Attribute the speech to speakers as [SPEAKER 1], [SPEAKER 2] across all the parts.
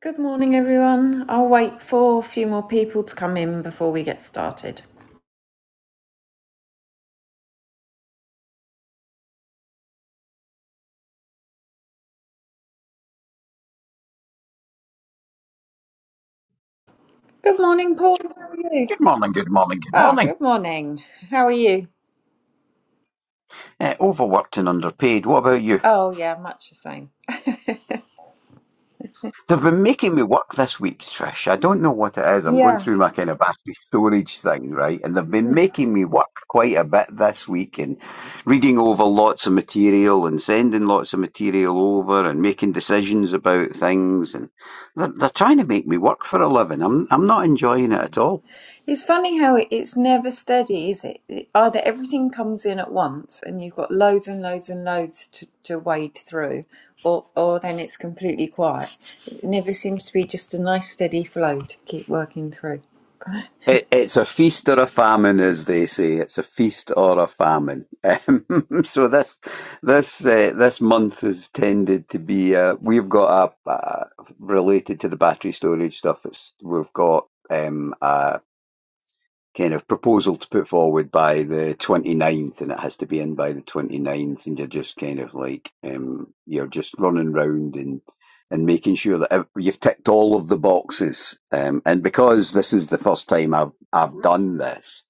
[SPEAKER 1] Good morning, everyone. I'll wait for a few more people to come in before we get started. Good morning, Paul. How are you?
[SPEAKER 2] Good morning, good morning, good
[SPEAKER 1] Ah,
[SPEAKER 2] morning.
[SPEAKER 1] good morning. How are you?
[SPEAKER 2] Uh, overworked and underpaid. What about you?
[SPEAKER 1] Oh, yeah, much the same.
[SPEAKER 2] They've been making me work this week, Trish. I don't know what it is. I'm going
[SPEAKER 1] Yeah.
[SPEAKER 2] through my kind of battery storage thing, right? And they've been
[SPEAKER 1] Mm.
[SPEAKER 2] making me work quite a bit this week and reading over lots of material and sending lots of material over and making decisions about things. And they're, they're trying to make me work for a living. I'm, I'm not enjoying it at all.
[SPEAKER 1] It's funny how it, it's never steady, is it? it? Either everything comes in at once and you've got loads and loads and loads to, to wade through, or, or then it's completely quiet. It never seems to be just a nice steady flow to keep working through.
[SPEAKER 2] It, it's a feast or a famine, as they say. It's a feast or a famine. Um, so this this uh, this month has tended to be. Uh, we've got a uh, related to the battery storage stuff. It's, we've got um, a kind of proposal to put forward by the twenty ninth, and it has to be in by the twenty ninth, and you're just kind of like um you're just running round and and making sure that you've ticked all of the boxes um and because this is the first time I've I've done this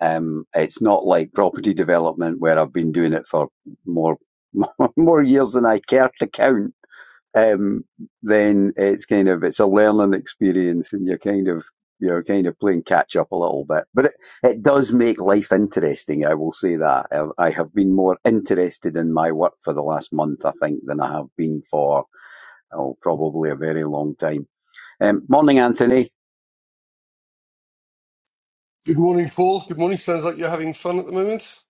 [SPEAKER 2] um it's not like property development where I've been doing it for more more years than I care to count um, then it's kind of it's a learning experience, and you're kind of you're kind of playing catch up a little bit. But it, it does make life interesting. I will say that I, I have been more interested in my work for the last month, I think, than I have been for oh, probably a very long time. Um, morning, Anthony.
[SPEAKER 3] Good morning, Paul. Good morning. Sounds like you're having fun at the moment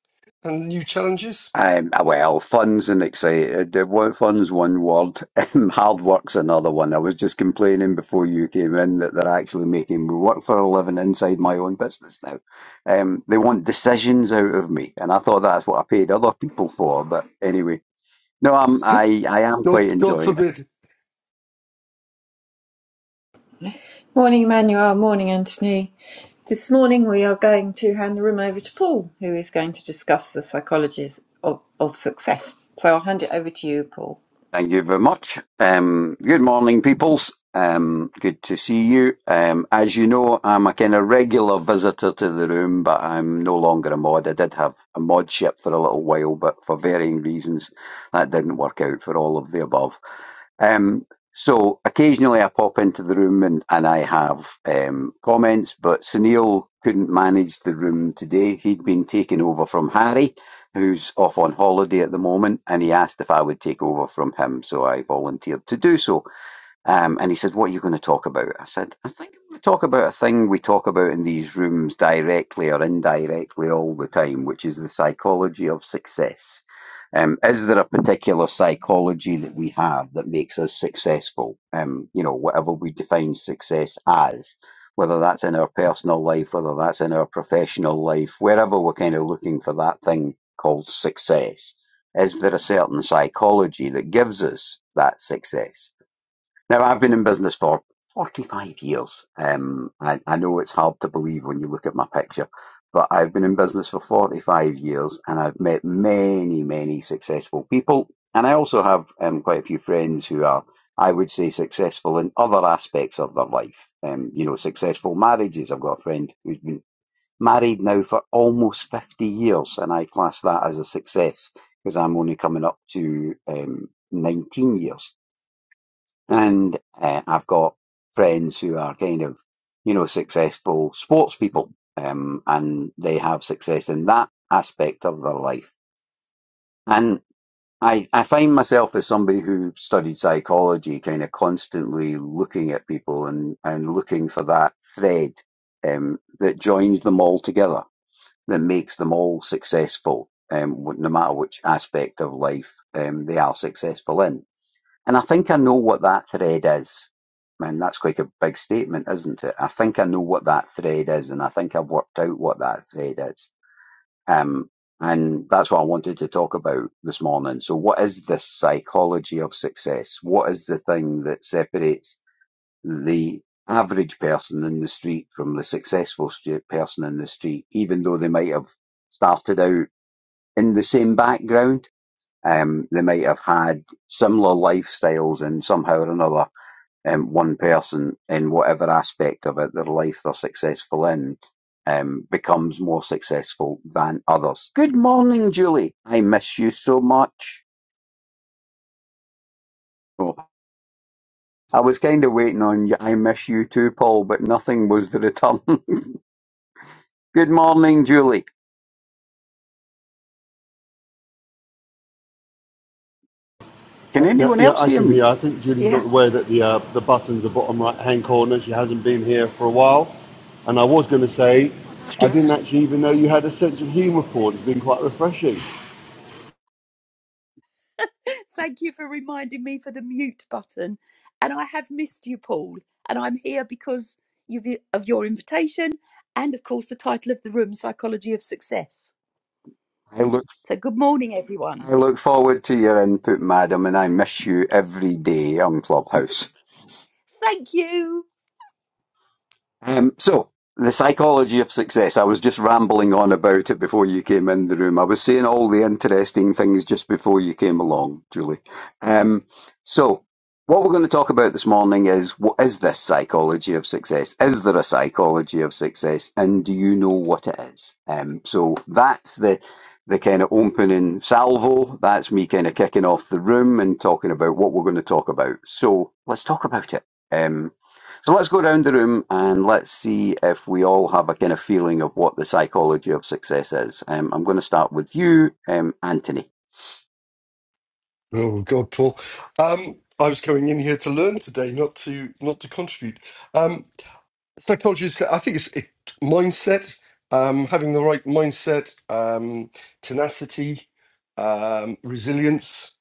[SPEAKER 3] and new challenges.
[SPEAKER 2] Um, ah, well, fun's and excited. uh, one- Fun's one word. Um, Hard work's another one. I was just complaining before you came in that they're actually making me work for a living inside my own business now. Um, they want decisions out of me, and I thought that's what I paid other people for. But anyway, no, I'm I I am quite
[SPEAKER 3] God, God
[SPEAKER 2] enjoying it.
[SPEAKER 3] forbid.
[SPEAKER 1] Morning, Emmanuel. Morning, Anthony. This morning we are going to hand the room over to Paul, who is going to discuss the psychologies of, of success. So I'll hand it over to you, Paul.
[SPEAKER 2] Thank you very much. Um, good morning, peoples. Um, good to see you. Um, as you know, I'm a kind of regular visitor to the room, but I'm no longer a mod. I did have a modship for a little while, but for varying reasons, that didn't work out for all of the above. Um, so occasionally I pop into the room and, and I have um, comments, but Sunil couldn't manage the room today. He'd been taken over from Harry who's off on holiday at the moment, and he asked if I would take over from him, so I volunteered to do so. Um, and he said, What are you going to talk about? I said, I think I'm going to talk about a thing we talk about in these rooms directly or indirectly all the time, which is the psychology of success. Um, is there a particular psychology that we have that makes us successful? Um, you know, whatever we define success as, whether that's in our personal life, whether that's in our professional life, wherever we're kind of looking for that thing called success, is there a certain psychology that gives us that success? Now, I've been in business for 45 years. Um, I, I know it's hard to believe when you look at my picture, but I've been in business for 45 years and I've met many, many successful people. And I also have um, quite a few friends who are, I would say, successful in other aspects of their life. Um, you know, successful marriages. I've got a friend who's been married now for almost 50 years, and I class that as a success because I'm only coming up to um, 19 years. And uh, I've got friends who are kind of, you know, successful sports people, um, and they have success in that aspect of their life. And I, I find myself as somebody who studied psychology, kind of constantly looking at people and, and looking for that thread um, that joins them all together, that makes them all successful, um, no matter which aspect of life um, they are successful in. And I think I know what that thread is. Man, that's quite a big statement, isn't it? I think I know what that thread is, and I think I've worked out what that thread is. Um, and that's what I wanted to talk about this morning. So, what is the psychology of success? What is the thing that separates the average person in the street from the successful stu- person in the street, even though they might have started out in the same background? Um, they might have had similar lifestyles and somehow or another um, one person in whatever aspect of it their life they're successful in um, becomes more successful than others. Good morning, Julie. I miss you so much. Oh, I was kind of waiting on you. I miss you too, Paul, but nothing was the return. Good morning, Julie. Can
[SPEAKER 4] Uh, yeah,
[SPEAKER 2] anyone
[SPEAKER 4] yeah,
[SPEAKER 2] else
[SPEAKER 4] I
[SPEAKER 2] hear
[SPEAKER 4] can
[SPEAKER 2] me?
[SPEAKER 4] hear. I think Julie's
[SPEAKER 1] Yeah.
[SPEAKER 4] not aware that the uh, the button's the bottom right hand corner. She hasn't been here for a while, and I was going to say,
[SPEAKER 2] Oh, there she
[SPEAKER 4] I
[SPEAKER 2] is.
[SPEAKER 4] didn't actually even know you had a sense of humour, Paul. It's been quite refreshing.
[SPEAKER 5] Thank you for reminding me for the mute button. And I have missed you, Paul. And I'm here because you've, of your invitation and, of course, the title of the room, Psychology of Success.
[SPEAKER 2] I look,
[SPEAKER 5] So, good morning, everyone.
[SPEAKER 2] I look forward to your input, madam, and I miss you every day on Clubhouse.
[SPEAKER 5] Thank you.
[SPEAKER 2] Um, so, the psychology of success. I was just rambling on about it before you came in the room. I was saying all the interesting things just before you came along, Julie. Um, so, what we're going to talk about this morning is what is this psychology of success? Is there a psychology of success, and do you know what it is? Um, so that's the the kind of opening salvo. That's me kind of kicking off the room and talking about what we're going to talk about. So let's talk about it. Um, so let's go around the room and let's see if we all have a kind of feeling of what the psychology of success is. Um, I'm going to start with you, um, Anthony.
[SPEAKER 3] Oh God, Paul. Um, I was coming in here to learn today, not to not to contribute. Um, psychology is, I think, it's it, mindset. Um, having the right mindset, um, tenacity, um, resilience.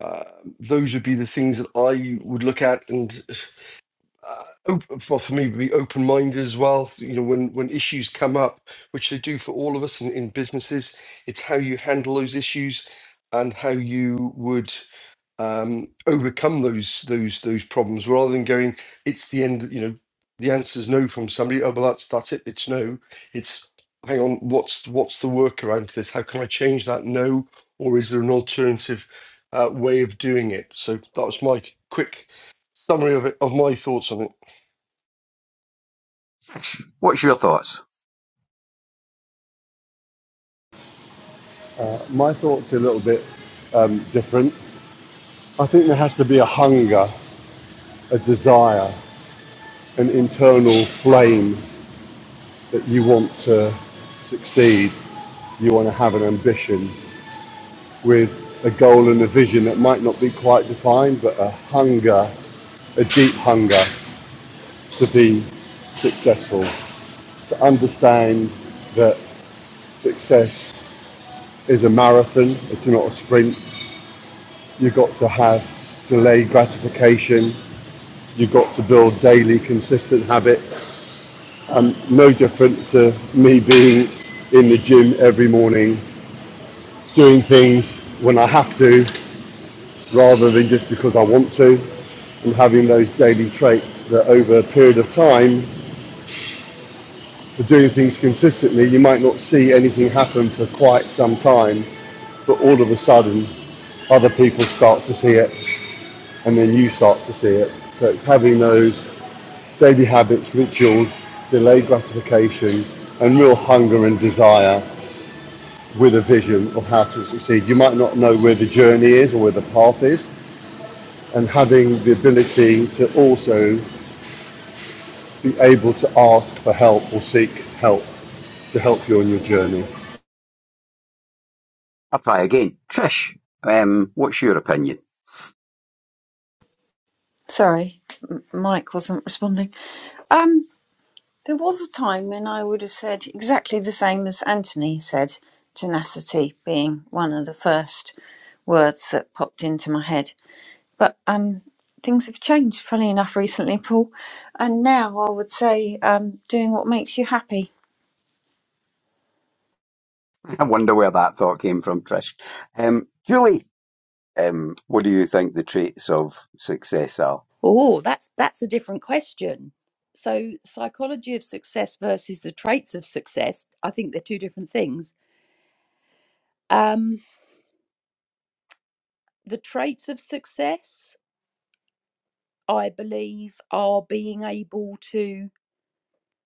[SPEAKER 3] Uh, those would be the things that I would look at and open, well, for me, be open minded as well. You know, when when issues come up, which they do for all of us in, in businesses, it's how you handle those issues and how you would um, overcome those those those problems, rather than going, it's the end. You know, the answer's no from somebody. Oh, well, that's that's it. It's no. It's hang on. What's what's the workaround to this? How can I change that no? Or is there an alternative uh, way of doing it? So that was my quick summary of it of my thoughts on it.
[SPEAKER 2] What's your thoughts?
[SPEAKER 4] Uh, my thoughts are a little bit um, different. I think there has to be a hunger, a desire, an internal flame that you want to succeed. You want to have an ambition. with a goal and a vision that might not be quite defined, but a hunger, a deep hunger to be successful, to understand that success is a marathon, it's not a sprint. You've got to have delayed gratification. You've got to build daily consistent habits. Um, no different to me being in the gym every morning, doing things when I have to, rather than just because I want to, and having those daily traits that over a period of time, for doing things consistently, you might not see anything happen for quite some time, but all of a sudden, other people start to see it, and then you start to see it. So it's having those daily habits, rituals, delayed gratification, and real hunger and desire with a vision of how to succeed. You might not know where the journey is or where the path is, and having the ability to also be able to ask for help or seek help to help you on your journey.
[SPEAKER 2] I'll try again. Trish, um, what's your opinion?
[SPEAKER 1] Sorry, M- Mike wasn't responding. Um, there was a time when I would have said exactly the same as Anthony said, tenacity being one of the first words that popped into my head. but um, things have changed, funny enough, recently, Paul. And now I would say um, doing what makes you happy.
[SPEAKER 2] I wonder where that thought came from, Trish. Um, Julie, um, what do you think the traits of success are?
[SPEAKER 5] Oh, that's that's a different question. So, psychology of success versus the traits of success. I think they're two different things. Um, the traits of success, I believe, are being able to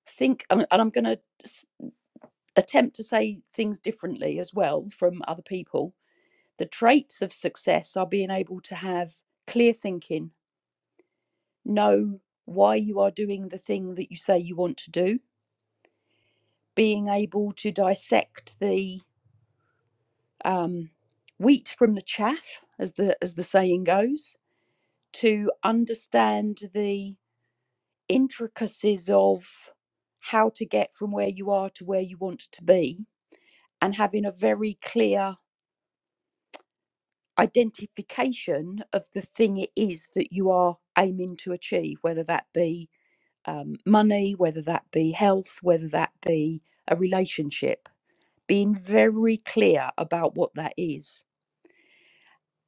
[SPEAKER 5] think, and and I'm going to attempt to say things differently as well from other people. The traits of success are being able to have clear thinking, know why you are doing the thing that you say you want to do, being able to dissect the um, wheat from the chaff, as the as the saying goes, to understand the intricacies of how to get from where you are to where you want to be, and having a very clear identification of the thing it is that you are aiming to achieve, whether that be um, money, whether that be health, whether that be a relationship, being very clear about what that is.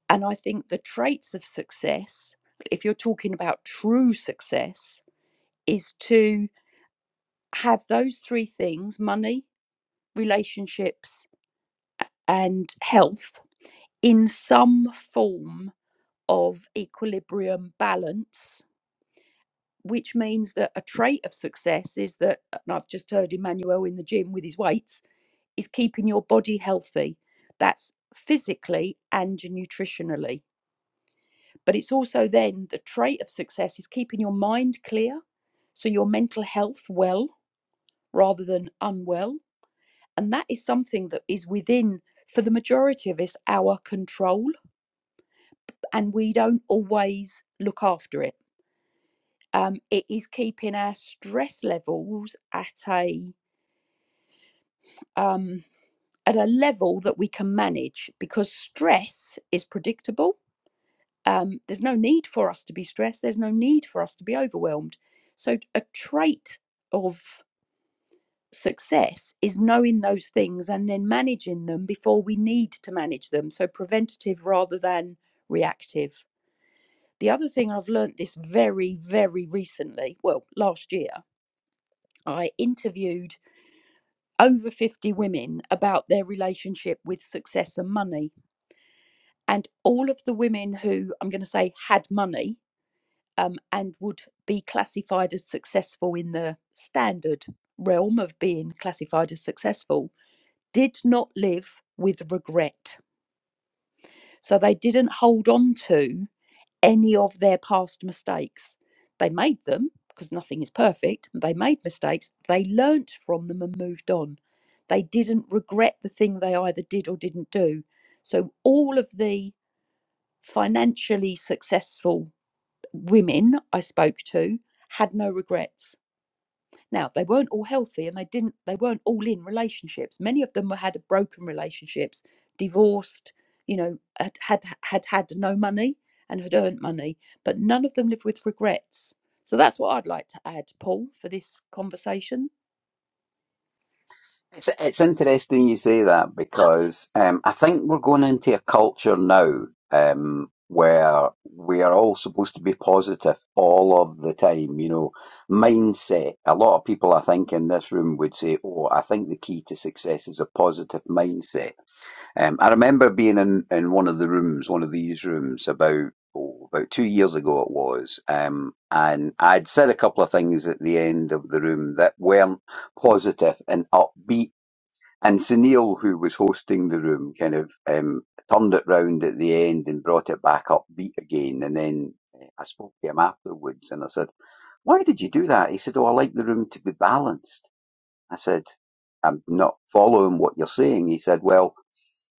[SPEAKER 5] And I think the traits of success, if you're talking about true success, is to have those three things money, relationships, and health in some form of equilibrium balance which means that a trait of success is that, and I've just heard Emmanuel in the gym with his weights, is keeping your body healthy. That's physically and nutritionally. But it's also then the trait of success is keeping your mind clear. So your mental health well rather than unwell. And that is something that is within, for the majority of us, our control. And we don't always look after it. Um, it is keeping our stress levels at a um, at a level that we can manage because stress is predictable. Um, there's no need for us to be stressed, there's no need for us to be overwhelmed. So, a trait of success is knowing those things and then managing them before we need to manage them. So, preventative rather than reactive. The other thing I've learnt this very, very recently, well, last year, I interviewed over 50 women about their relationship with success and money and all of the women who I'm going to say had money um, and would be classified as successful in the standard realm of being classified as successful did not live with regret. So they didn't hold on to any of their past mistakes. They made them because nothing is perfect. They made mistakes. They learnt from them and moved on. They didn't regret the thing they either did or didn't do. So all of the financially successful women I spoke to had no regrets. Now they weren't all healthy and they didn't they weren't all in relationships. Many of them had broken relationships, divorced, you know, had, had had had no money and had earned money, but none of them lived with regrets. So that's what I'd like to add, Paul, for this conversation.
[SPEAKER 2] It's, it's interesting you say that because um, I think we're going into a culture now um, where we are all supposed to be positive all of the time. You know, mindset. A lot of people, I think, in this room would say, "Oh, I think the key to success is a positive mindset." Um, I remember being in, in one of the rooms, one of these rooms, about oh, about two years ago it was, um, and I'd said a couple of things at the end of the room that weren't positive and upbeat and Sunil, who was hosting the room, kind of um, turned it round at the end and brought it back upbeat again. And then eh, I spoke to him afterwards and I said, Why did you do that? He said, Oh, I like the room to be balanced. I said, I'm not following what you're saying. He said, Well,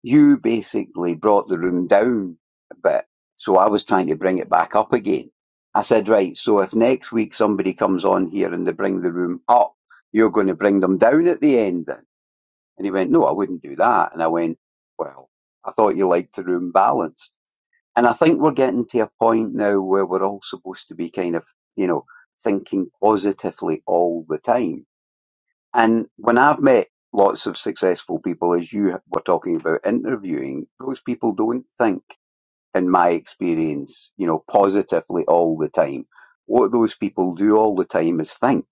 [SPEAKER 2] you basically brought the room down a bit. So I was trying to bring it back up again. I said, Right, so if next week somebody comes on here and they bring the room up, you're going to bring them down at the end then. And he went, No, I wouldn't do that. And I went, Well, I thought you liked the room balanced. And I think we're getting to a point now where we're all supposed to be kind of, you know, thinking positively all the time. And when I've met lots of successful people, as you were talking about interviewing, those people don't think, in my experience, you know, positively all the time. What those people do all the time is think.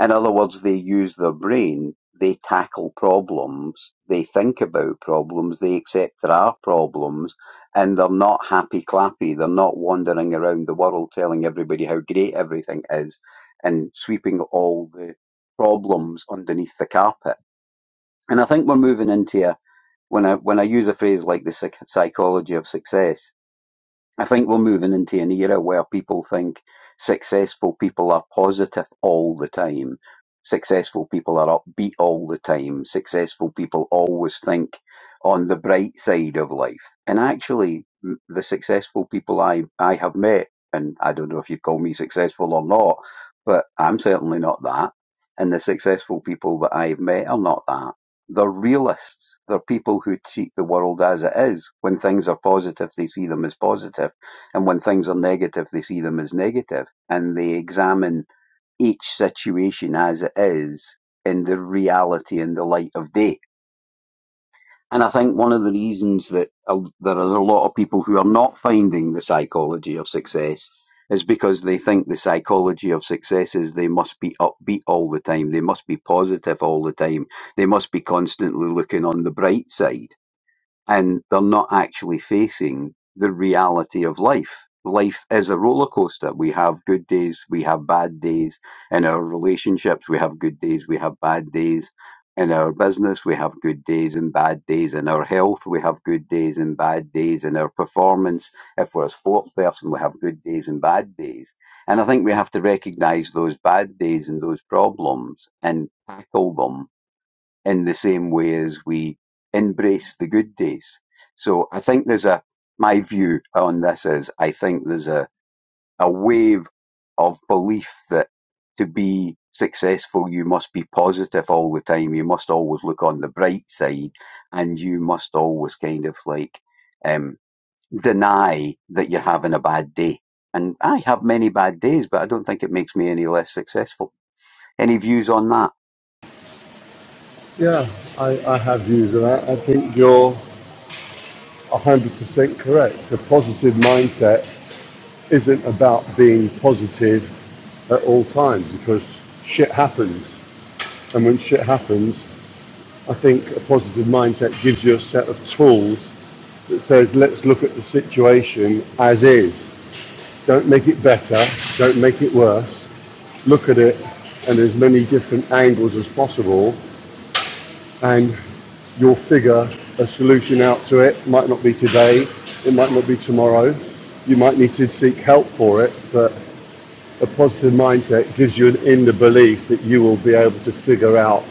[SPEAKER 2] In other words, they use their brain, they tackle problems, they think about problems, they accept there are problems, and they're not happy clappy. They're not wandering around the world telling everybody how great everything is and sweeping all the problems underneath the carpet. And I think we're moving into a when I when I use a phrase like the psych- psychology of success, I think we're moving into an era where people think successful people are positive all the time. Successful people are upbeat all the time. Successful people always think on the bright side of life. And actually, m- the successful people I, I have met, and I don't know if you'd call me successful or not, but I'm certainly not that. And the successful people that I've met are not that they're realists. They're people who treat the world as it is. When things are positive, they see them as positive. And when things are negative, they see them as negative. And they examine each situation as it is in the reality and the light of day. And I think one of the reasons that uh, there is a lot of people who are not finding the psychology of success is because they think the psychology of success is they must be upbeat all the time, they must be positive all the time, they must be constantly looking on the bright side and they're not actually facing the reality of life. Life is a roller coaster. We have good days, we have bad days in our relationships, we have good days, we have bad days in our business, we have good days and bad days in our health, we have good days and bad days in our performance. If we're a sports person, we have good days and bad days. And I think we have to recognize those bad days and those problems and tackle them in the same way as we embrace the good days. So I think there's a, my view on this is I think there's a, a wave of belief that to be successful, you must be positive all the time. You must always look on the bright side and you must always kind of like, um, deny that you're having a bad day. And I have many bad days, but I don't think it makes me any less successful. Any views on that?
[SPEAKER 4] Yeah, I, I have views of that. I think you're 100% correct. A positive mindset isn't about being positive at all times because shit happens. And when shit happens, I think a positive mindset gives you a set of tools that says, let's look at the situation as is. Don't make it better, don't make it worse. look at it and as many different angles as possible and you'll figure a solution out to it. It Might not be today, it might not be tomorrow. You might need to seek help for it, but a positive mindset gives you an inner belief that you will be able to figure out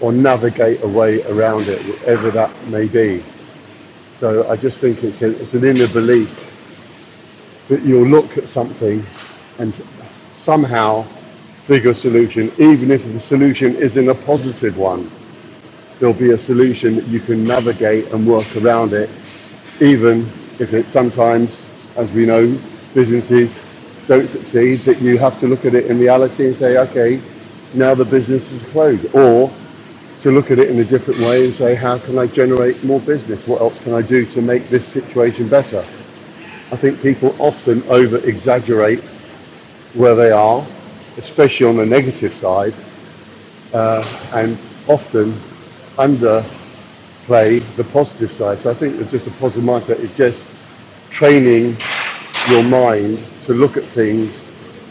[SPEAKER 4] or navigate a way around it, whatever that may be. So I just think it's, a, it's an inner belief that you'll look at something and somehow figure a solution, even if the solution isn't a positive one. There'll be a solution that you can navigate and work around it, even if it sometimes, as we know, businesses don't succeed, that you have to look at it in reality and say, okay, now the business is closed. Or to look at it in a different way and say, how can I generate more business? What else can I do to make this situation better? I think people often over exaggerate where they are, especially on the negative side, uh, and often under play the positive side. So I think it's just a positive mindset. It's just training your mind to look at things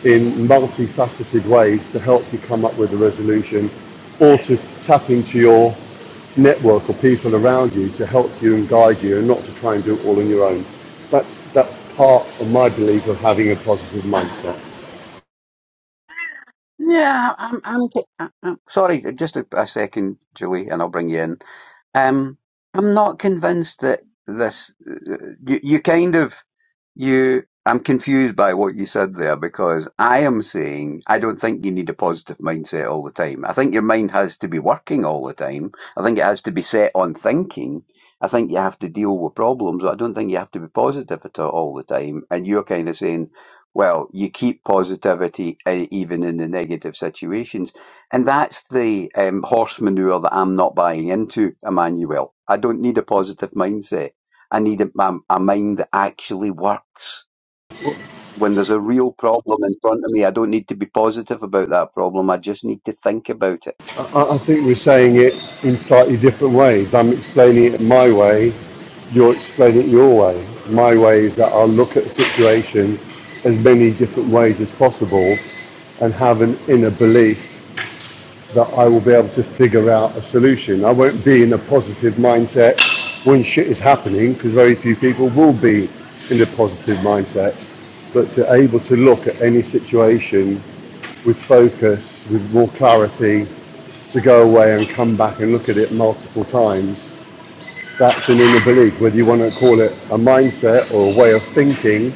[SPEAKER 4] in multifaceted ways to help you come up with a resolution or to tap into your network or people around you to help you and guide you and not to try and do it all on your own. That's, that's part of my belief of having a positive mindset.
[SPEAKER 2] Yeah, I'm, I'm, I'm sorry, just a, a second, Julie, and I'll bring you in. Um, I'm not convinced that this. You, you kind of you. I'm confused by what you said there because I am saying I don't think you need a positive mindset all the time. I think your mind has to be working all the time. I think it has to be set on thinking. I think you have to deal with problems. I don't think you have to be positive at all the time. And you're kind of saying, well, you keep positivity uh, even in the negative situations. And that's the um, horse manure that I'm not buying into, Emmanuel. I don't need a positive mindset. I need a, a, a mind that actually works. When there's a real problem in front of me, I don't need to be positive about that problem. I just need to think about it.
[SPEAKER 4] I, I think we're saying it in slightly different ways. I'm explaining it my way, you're explaining it your way. My way is that I'll look at a situation as many different ways as possible and have an inner belief that I will be able to figure out a solution. I won't be in a positive mindset when shit is happening because very few people will be in a positive mindset. But to able to look at any situation with focus, with more clarity, to go away and come back and look at it multiple times, that's an inner belief, whether you want to call it a mindset or a way of thinking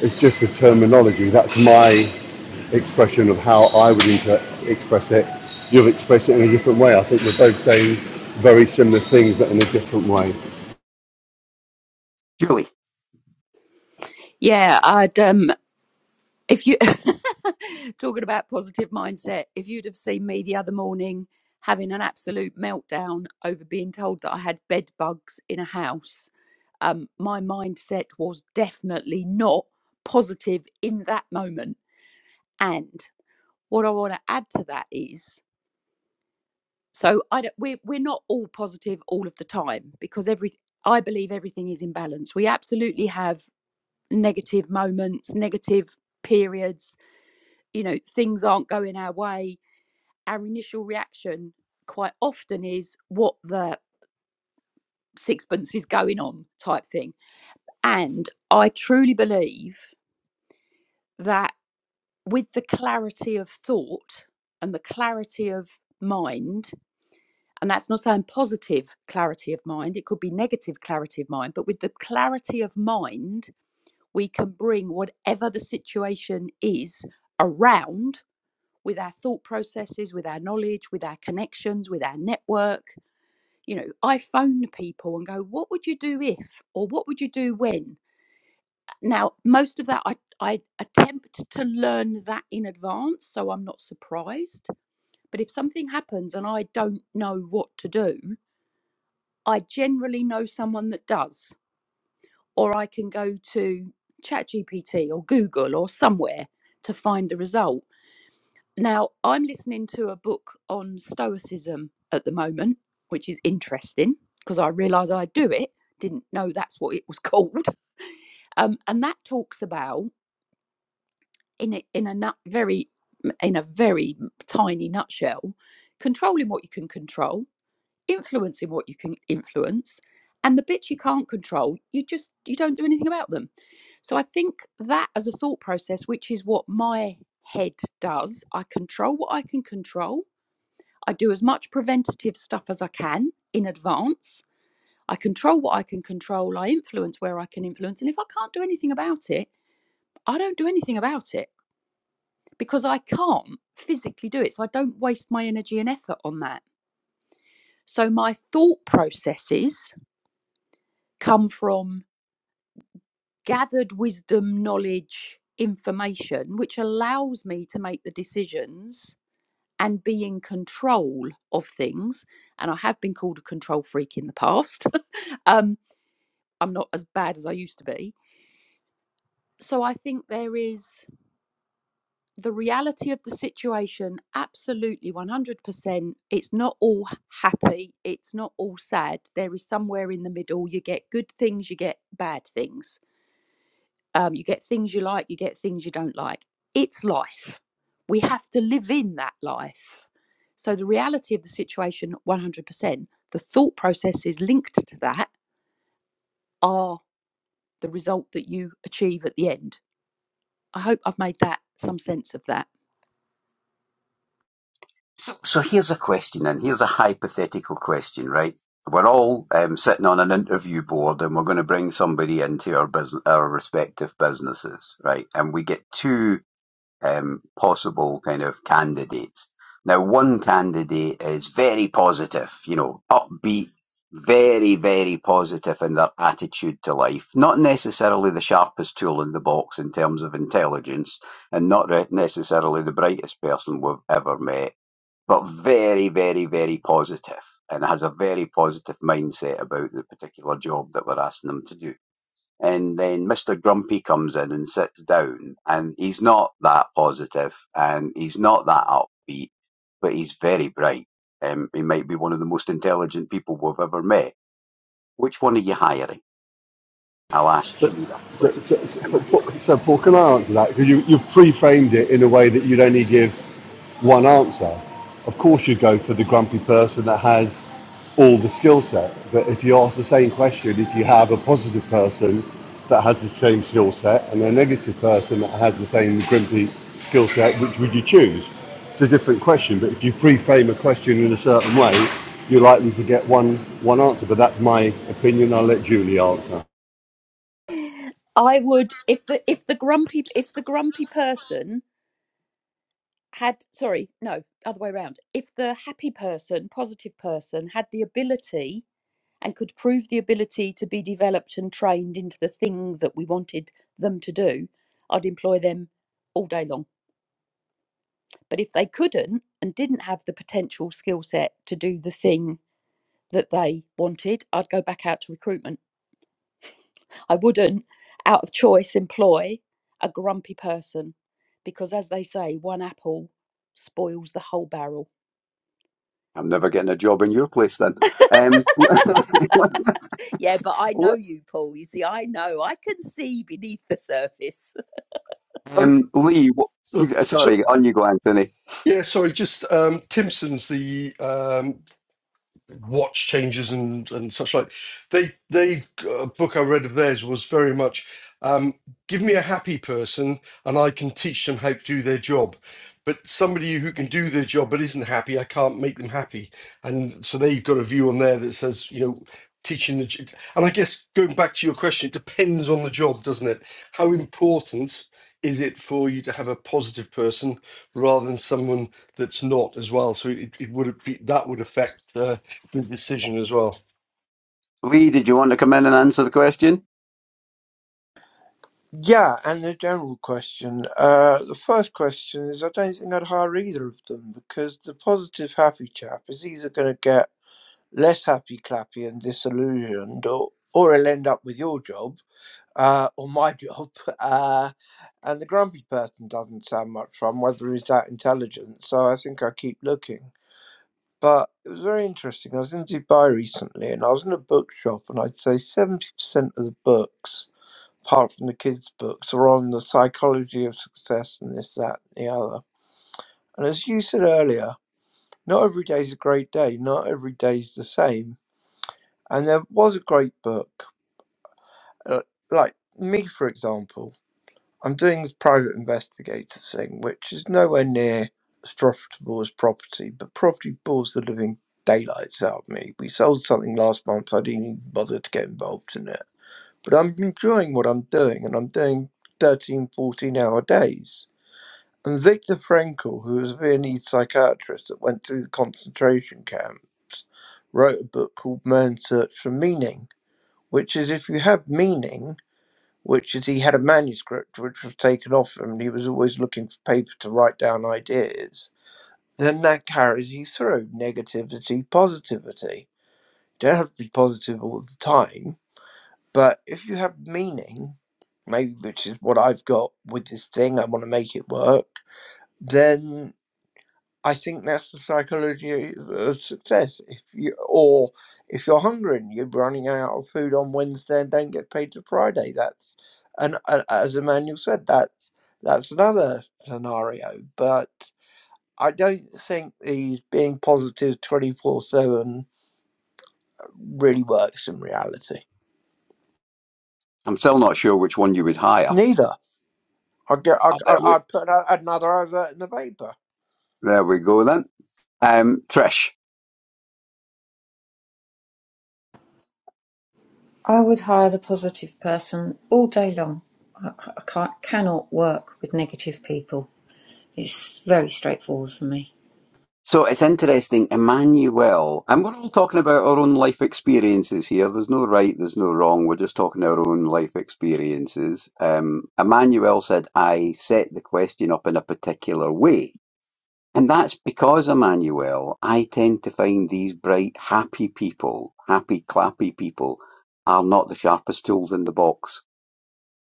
[SPEAKER 4] it's just a terminology. That's my expression of how I would inter- express it. You've expressed it in a different way. I think we're both saying very similar things, but in a different way.
[SPEAKER 2] Julie,
[SPEAKER 5] Yeah, I'd um, if you talking about positive mindset if you'd have seen me the other morning having an absolute meltdown over being told that i had bed bugs in a house um, my mindset was definitely not positive in that moment and what i want to add to that is so i don't, we're, we're not all positive all of the time because every i believe everything is in balance we absolutely have negative moments negative periods you know things aren't going our way our initial reaction quite often is what the sixpence is going on type thing and i truly believe that with the clarity of thought and the clarity of mind and that's not saying positive clarity of mind it could be negative clarity of mind but with the clarity of mind we can bring whatever the situation is around with our thought processes, with our knowledge, with our connections, with our network. You know, I phone people and go, what would you do if, or what would you do when? Now, most of that I, I attempt to learn that in advance, so I'm not surprised. But if something happens and I don't know what to do, I generally know someone that does, or I can go to ChatGPT or Google or somewhere to find the result. Now, I'm listening to a book on Stoicism at the moment, which is interesting because I realise I do it. Didn't know that's what it was called. Um, and that talks about, in a, in a nut, very, in a very tiny nutshell, controlling what you can control, influencing what you can influence, and the bits you can't control, you just you don't do anything about them. So I think that as a thought process, which is what my head does, I control what I can control I do as much preventative stuff as I can in advance. I control what I can control. I influence where I can influence. And if I can't do anything about it, I don't do anything about it because I can't physically do it. So I don't waste my energy and effort on that. So my thought processes come from gathered wisdom, knowledge, information, which allows me to make the decisions and be in control of things. And I have been called a control freak in the past. um, I'm not as bad as I used to be. So I think there is the reality of the situation, absolutely 100%. It's not all happy, it's not all sad. There is somewhere in the middle. You get good things, you get bad things. Um, you get things you like, you get things you don't like. It's life. We have to live in that life. So the reality of the situation, 100%, the thought processes linked to that are the result that you achieve at the end I hope I've made that some sense of that.
[SPEAKER 2] so, so here's a question, and here's a hypothetical question, right? We're all um, sitting on an interview board, and we're going to bring somebody into our business, our respective businesses, right? And we get two um, possible kind of candidates. Now, one candidate is very positive, you know, upbeat, very, very positive in their attitude to life. Not necessarily the sharpest tool in the box in terms of intelligence, and not re- necessarily the brightest person we've ever met, but very, very, very positive and has a very positive mindset about the particular job that we're asking them to do and then Mr. Grumpy comes in and sits down, and he's not that positive and he's not that upbeat, but he's very bright. Um, he might be one of the most intelligent people we've ever met. Which one are you hiring? I'll ask
[SPEAKER 4] So,
[SPEAKER 2] you that
[SPEAKER 4] so, so,
[SPEAKER 2] question. Am I-
[SPEAKER 4] so, so Paul, can I answer that? Because you, you've pre-framed it in a way that you'd only give. one answer. Of course, you go for the grumpy person that has all the skill set. But if you ask the same question, if you have a positive person that has the same skill set and a negative person that has the same grumpy skill set, which would you choose? It's a different question. But if you pre-frame a question in a certain way, you're likely to get one one answer. But that's my opinion. I'll let Julie answer.
[SPEAKER 5] I would if the if the grumpy if the grumpy person had sorry no other way around if the happy person positive person had the ability and could prove the ability to be developed and trained into the thing that we wanted them to do I'd employ them all day long but if they couldn't and didn't have the potential skill set to do the thing that they wanted I'd go back out to recruitment I wouldn't, out of choice, employ a grumpy person because, as they say, one apple spoils the whole barrel.
[SPEAKER 2] I'm never getting a job in your place then. Um,
[SPEAKER 5] Yeah, but I know you, Paul. You see, I know. I can see beneath the surface.
[SPEAKER 3] Um,
[SPEAKER 2] um, Lee,
[SPEAKER 3] So,
[SPEAKER 2] wh-
[SPEAKER 3] so
[SPEAKER 2] sorry, on you go, Anthony.
[SPEAKER 3] yeah, sorry, just um, Timson's the um, watch changes and and such like. They they a book I read of theirs was very much um, give me a happy person and I can teach them how to do their job. But somebody who can do their job but isn't happy, I can't make them happy. And so they've got a view on there that says you know teaching the j- and I guess going back to your question, it depends on the job, doesn't it? How important is it for you to have a positive person rather than someone that's not as well? So it, it would be that would affect. uh, the decision as well.
[SPEAKER 2] Lee, did you want to come in and answer the question?
[SPEAKER 6] Yeah, and the general question. Uh, the first question is I don't think I'd hire either of them because the positive happy chap is either going to get less happy clappy and disillusioned or, or he'll end up with your job uh, or my job. Uh, and the grumpy person doesn't sound much fun, whether he's that intelligent. So I think I keep looking. But it was very interesting. I was in Dubai recently and I was in a bookshop and I'd say 70% of the books apart from the kids' books, are on the psychology of success and this, that, and the other. And as you said earlier, not every day's a great day, not every day's the same. And there was a great book, uh, like me, for example. I'm doing this private investigator thing, which is nowhere near as profitable as property, but property bores the living daylights out of me. We sold something last month, I didn't even bother to get involved in it. But I'm enjoying what I'm doing, and I'm doing thirteen, fourteen hour days And Viktor Frankl, who was a Viennese psychiatrist that went through the concentration camps, wrote a book called Man's Search for Meaning, which is if you have meaning, which is he had a manuscript which was taken off him and he was always looking for paper to write down ideas, then that carries you through negativity, positivity. You don't have to be positive all the time, but if you have meaning, maybe which is what I've got with this thing, I want to make it work, then I think that's the psychology of success. If you or if you're hungry and you're running out of food on Wednesday and don't get paid till Friday, that's and uh, as Emmanuel said, that's that's another scenario. But I don't think these being positive twenty four seven really works in reality.
[SPEAKER 2] I'm still not sure which one you would hire.
[SPEAKER 6] Neither. I get. I.
[SPEAKER 2] Oh, There
[SPEAKER 6] I
[SPEAKER 2] we,
[SPEAKER 6] I'd put a- another advert in the paper.
[SPEAKER 2] there we go then. Um, Trish.
[SPEAKER 1] I would hire the positive person all day long. I, I can't, cannot work with negative people. It's very straightforward for me.
[SPEAKER 2] So it's interesting, Emmanuel, and we're all talking about our own life experiences here. There's no right, there's no wrong. We're just talking our own life experiences. Um, Emmanuel said, I set the question up in a particular way. And that's because, Emmanuel, I tend to find these bright, happy people, happy, clappy people, are not the sharpest tools in the box.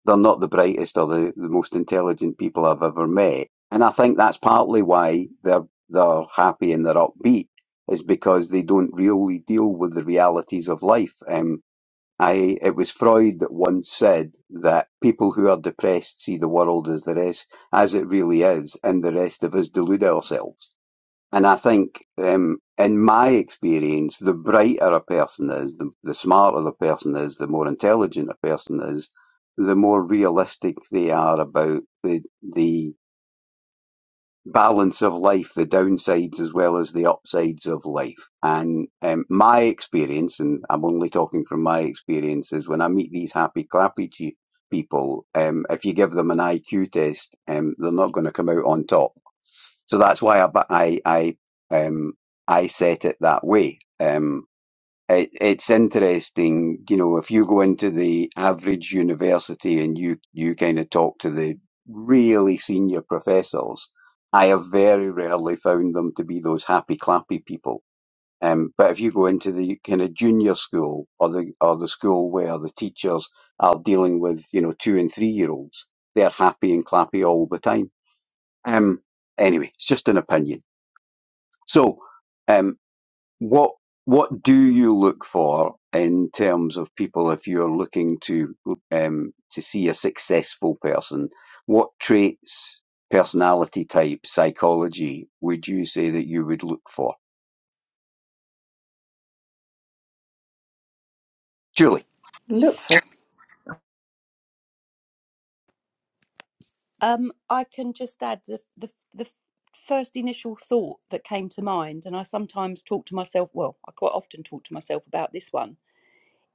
[SPEAKER 2] they're not the brightest or the, the most intelligent people I've ever met. And I think that's partly why they're they're happy and they're upbeat is because they don't really deal with the realities of life. Um, I it was Freud that once said that people who are depressed see the world as the rest as it really is, and the rest of us delude ourselves. And I think, um, in my experience, the brighter a person is, the, the smarter the person is, the more intelligent a person is, the more realistic they are about the the balance of life, the downsides as well as the upsides of life. And um, my experience, and I'm only talking from my experience, is when I meet these happy clappy che- people, um, if you give them an IQ test, um, they're not going to come out on top. So that's why I I I, um, I set it that way. Um, it, it's interesting, you know, if you go into the average university and you, you kind of talk to the really senior professors, I have very rarely found them to be those happy clappy people. Um, but if you go into the kind of junior school or the, or the school where the teachers are dealing with, you know, two and three year olds, they're happy and clappy all the time. Um, anyway, it's just an opinion. So, um, what what do you look for in terms of people if you're looking to um, to see a successful person? What traits, personality type, psychology would you say that you would look for? Julie,
[SPEAKER 1] Look for.
[SPEAKER 5] Um, I can just add the, the, the first initial thought that came to mind, and I sometimes talk to myself, well, I quite often talk to myself about this one,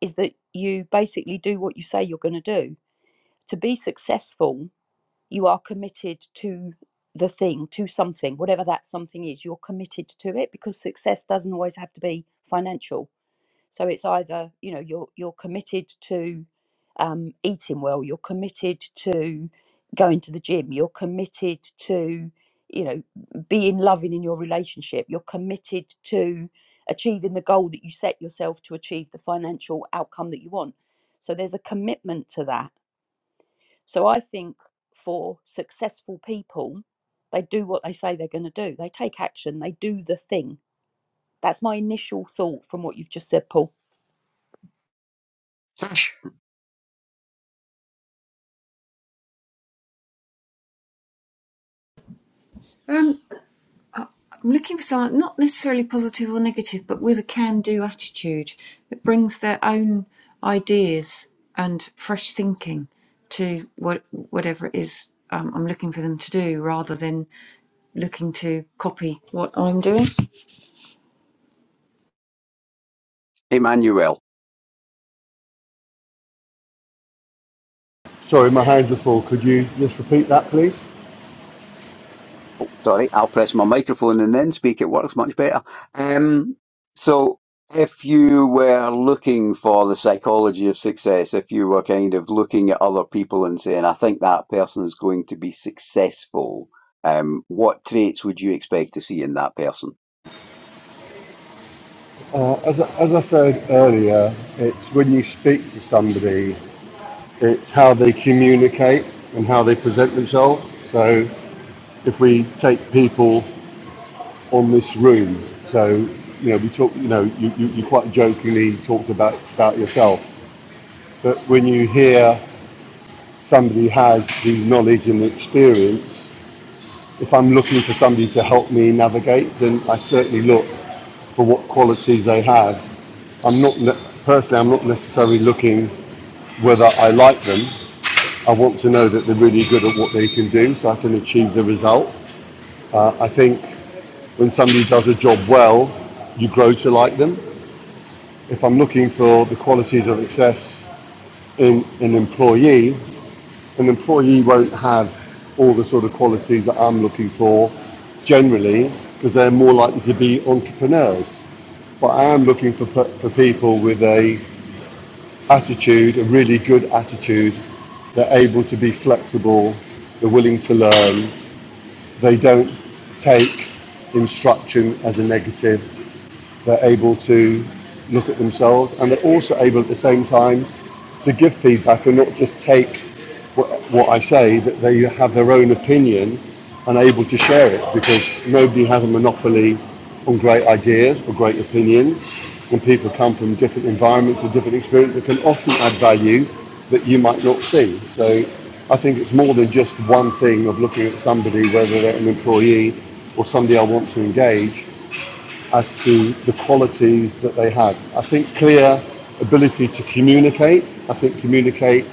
[SPEAKER 5] is that you basically do what you say you're going to do. To be successful, you are committed to the thing, to something, whatever that something is, you're committed to it because success doesn't always have to be financial. So it's either, you know, you're you're committed to um, eating well, you're committed to going to the gym, you're committed to, you know, being loving in your relationship, you're committed to achieving the goal that you set yourself to achieve the financial outcome that you want. So there's a commitment to that so I think for successful people, they do what they say they're going to do. They take action, they do the thing. That's my initial thought from what you've just said, Paul.
[SPEAKER 2] Trish.
[SPEAKER 1] Um, I'm looking for someone not necessarily positive or negative, but with a can-do attitude that brings their own ideas and fresh thinking to what whatever it is um, I'm looking for them to do, rather than looking to copy what I'm doing.
[SPEAKER 2] Emmanuel.
[SPEAKER 4] Sorry, my hands are full. Could you just repeat that, please?
[SPEAKER 2] Sorry, I'll press my microphone and then speak. It works much better. Um, so, if you were looking for the psychology of success, if you were kind of looking at other people and saying, I think that person is going to be successful, um, what traits would you expect to see in that person?
[SPEAKER 4] Uh, as, I- as I said earlier, it's when you speak to somebody, it's how they communicate and how they present themselves. So if we take people on this room, so you know, we talk, you know, you, you, you quite jokingly talked about, about yourself, but when you hear somebody has the knowledge and the experience, if I'm looking for somebody to help me navigate, then I certainly look for what qualities they have I'm not ne- personally. I'm not necessarily looking whether I like them. I want to know that they're really good at what they can do so I can achieve the result. Uh, I think when somebody does a job well, you grow to like them. If I'm looking for the qualities of success in an employee, an employee won't have all the sort of qualities that I'm looking for generally because they're more likely to be entrepreneurs. But I am looking for, for people with a attitude, a really good attitude. They're able to be flexible, they're willing to learn, they don't take instruction as a negative, they're able to look at themselves and they're also able at the same time to give feedback and not just take what, what I say, that they have their own opinion and are able to share it because nobody has a monopoly on great ideas or great opinions. And people come from different environments and different experiences that can often add value that you might not see. So I think it's more than just one thing of looking at somebody, whether they're an employee or somebody I want to engage, as to the qualities that they had. I think clear ability to communicate. I think communicate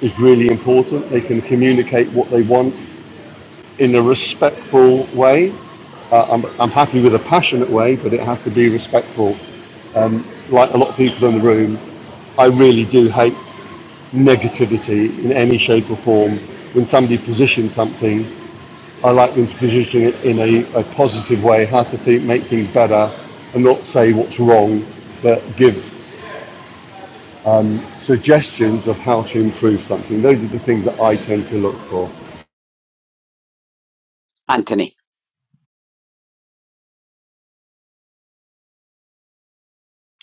[SPEAKER 4] is really important. They can communicate what they want in a respectful way. Uh, I'm, I'm happy with a passionate way, but it has to be respectful. Like a lot of people in the room, I really do hate negativity in any shape or form. When somebody positions something I like them to position it in a, a positive way, how to think, make things better, and not say what's wrong, but give suggestions of how to improve something. Those are the things that I tend to look for.
[SPEAKER 2] Anthony,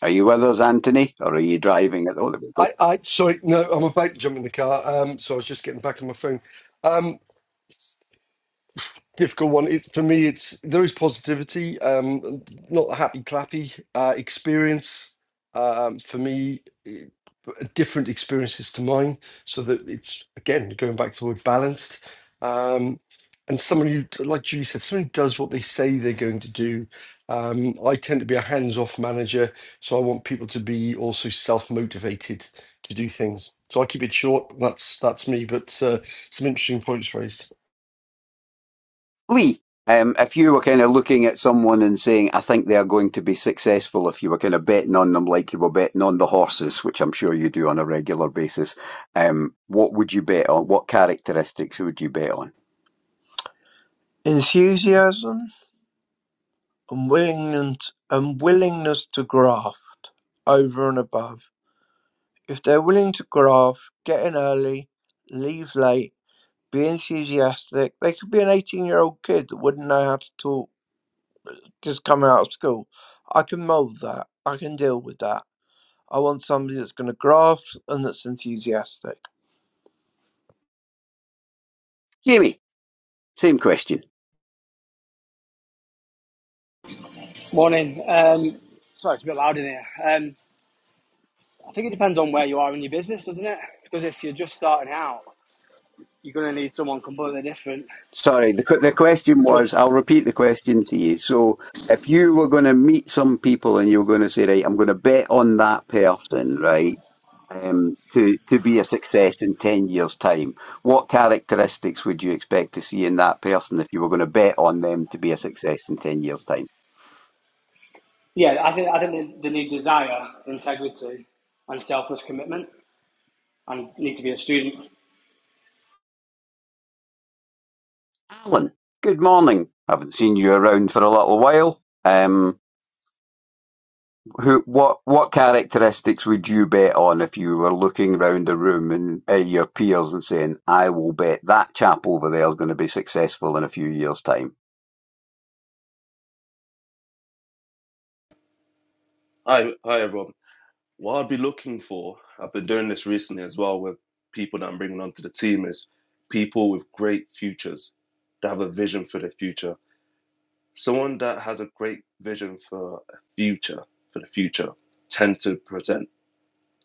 [SPEAKER 2] are you with us, Anthony? Or are you driving? at- Oh, there we go.
[SPEAKER 3] I, I sorry, no, I'm about to jump in the car. Um, so I was just getting back on my phone. Um. difficult one. It, for me, it's there is positivity, um, not a happy clappy uh, experience. Um, for me, it, different experiences to mine, so that it's again going back to the word balanced. Um, and someone who, like Julie said, someone who does what they say they're going to do. Um, I tend to be a hands-off manager, so I want people to be also self-motivated to do things. So I keep it short. That's that's me. But uh, some interesting points raised.
[SPEAKER 2] Lee, um, if you were kind of looking at someone and saying, I think they are going to be successful, if you were kind of betting on them like you were betting on the horses, which I'm sure you do on a regular basis, um, what would you bet on? What characteristics would you bet on?
[SPEAKER 6] Enthusiasm. unwillingness unwillingness to graft over and above. If they're willing to graft, get in early, leave late, be enthusiastic, they could be an 18 year old kid that wouldn't know how to talk, just come out of school. I can mould that. I can deal with that. I want somebody that's going to graft and that's enthusiastic.
[SPEAKER 2] Jamie, same question.
[SPEAKER 7] Morning. Um, sorry, it's a bit loud in here. Um, I think it depends on where you are in your business, doesn't it? Because if you're just starting out, you're going to need someone completely different.
[SPEAKER 2] Sorry, the, que- the question
[SPEAKER 7] So
[SPEAKER 2] was,
[SPEAKER 7] if,
[SPEAKER 2] I'll repeat the question to you. So, if you were going to meet some people and you were going to say, right, I'm going to bet on that person, right, um, to, to be a success in 10 years' time, what characteristics would you expect to see in that person if you were going to bet on them to be a success in 10 years' time?
[SPEAKER 7] yeah, I think I think they, they need desire, integrity, and selfless commitment, and need to be a student.
[SPEAKER 2] Alan, good morning. Haven't seen you around for a little while. Um, Who, what, what characteristics would you bet on if you were looking round the room and at your peers and saying, "I will bet that chap over there is going to be successful in a few years' time"?
[SPEAKER 8] Hi, hi everyone. What I'd be looking for, I've been doing this recently as well with people that I'm bringing onto the team, is people with great futures that have a vision for the future. Someone that has a great vision for a future, for the future, tend to present,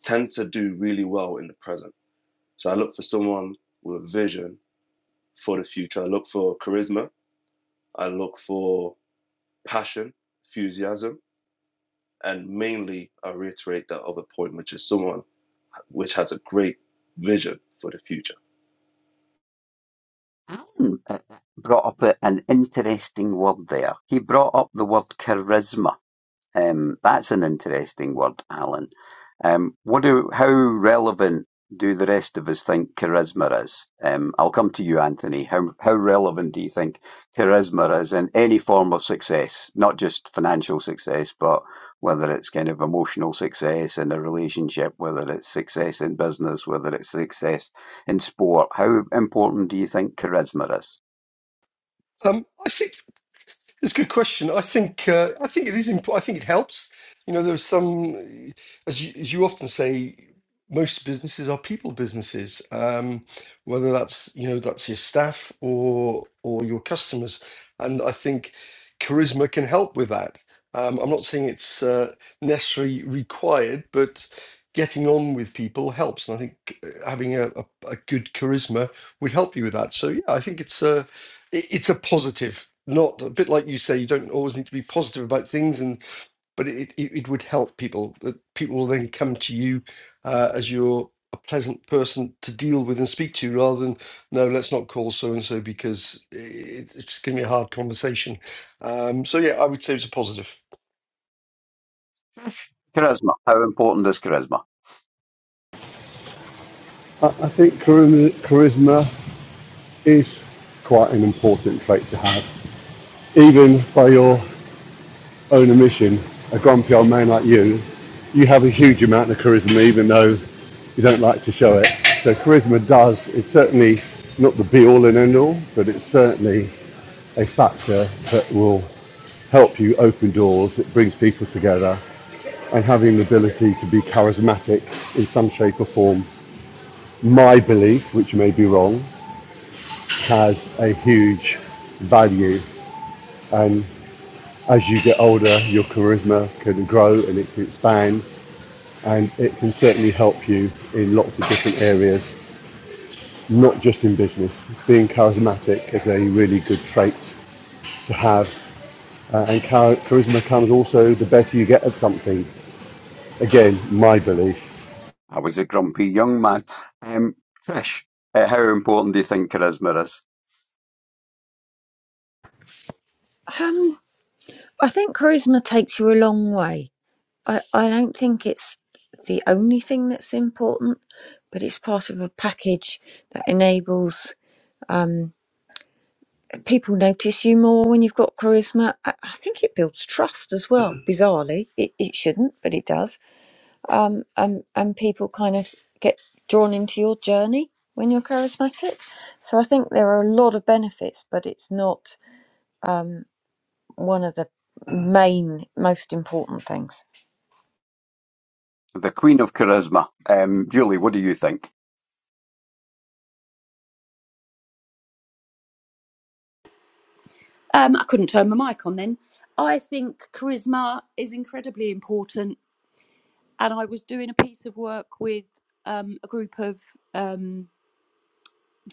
[SPEAKER 8] tend to do really well in the present. So I look for someone with a vision for the future. I look for charisma. I look for passion, enthusiasm, and mainly I reiterate that other point, which is someone which has a great vision for the future.
[SPEAKER 2] Alan uh, brought up a, an interesting word there. He brought up the word charisma. Um, that's an interesting word, Alan. Um, what do, how relevant do the rest of us think charisma is? Um, I'll come to you, Anthony. How, how relevant do you think charisma is in any form of success, not just financial success, but whether it's kind of emotional success in a relationship, whether it's success in business, whether it's success in sport? How important do you think charisma is?
[SPEAKER 3] Um, I think It's a good question. I think uh, I think it is important. I think it helps. You know, there's some, as you, as you often say, most businesses are people businesses. Um, whether that's you know that's your staff or or your customers, and I think charisma can help with that. Um, I'm not saying it's uh, necessarily required, but getting on with people helps, and I think uh, having a, a, a good charisma would help you with that. So yeah, I think it's uh, it, it's a positive not a bit like you say you don't always need to be positive about things and but it, it, it would help people that people will then come to you uh, as you're a pleasant person to deal with and speak to rather than no let's not call so and so because it, it's going to be a hard conversation um, so yeah i would say it's a positive
[SPEAKER 2] Charisma. How important is charisma?
[SPEAKER 4] I, I think charisma, charisma is quite an important trait to have. Even by your own admission, a grumpy old man like you, you have a huge amount of charisma, even though you don't like to show it. So charisma does, it's certainly not the be all and end all, but it's certainly a factor that will help you open doors, it brings people together, and having the ability to be charismatic in some shape or form, my belief, which may be wrong, has a huge value. And as you get older, your charisma can grow and it can expand, and it can certainly help you in lots of different areas, not just in business. Being charismatic is a really good trait to have. Uh, and char- charisma comes also the better you get at something. again, my belief.
[SPEAKER 2] I was a grumpy young man. Um, Trish, uh, how important do you think charisma is?
[SPEAKER 1] Um, I think charisma takes you a long way. I, I don't think it's the only thing that's important, but it's part of a package that enables um, people notice you more when you've got charisma. I, I think it builds trust as well. Mhm. Bizarrely, it, it shouldn't, but it does. Um, um, and people kind of get drawn into your journey when you're charismatic. So I think there are a lot of benefits, but it's not. one of the main, most important things.
[SPEAKER 2] The queen of charisma. Um, Julie, what do you think?
[SPEAKER 5] Um, I couldn't turn my mic on then. I think charisma is incredibly important. And I was doing a piece of work with um, a group of um,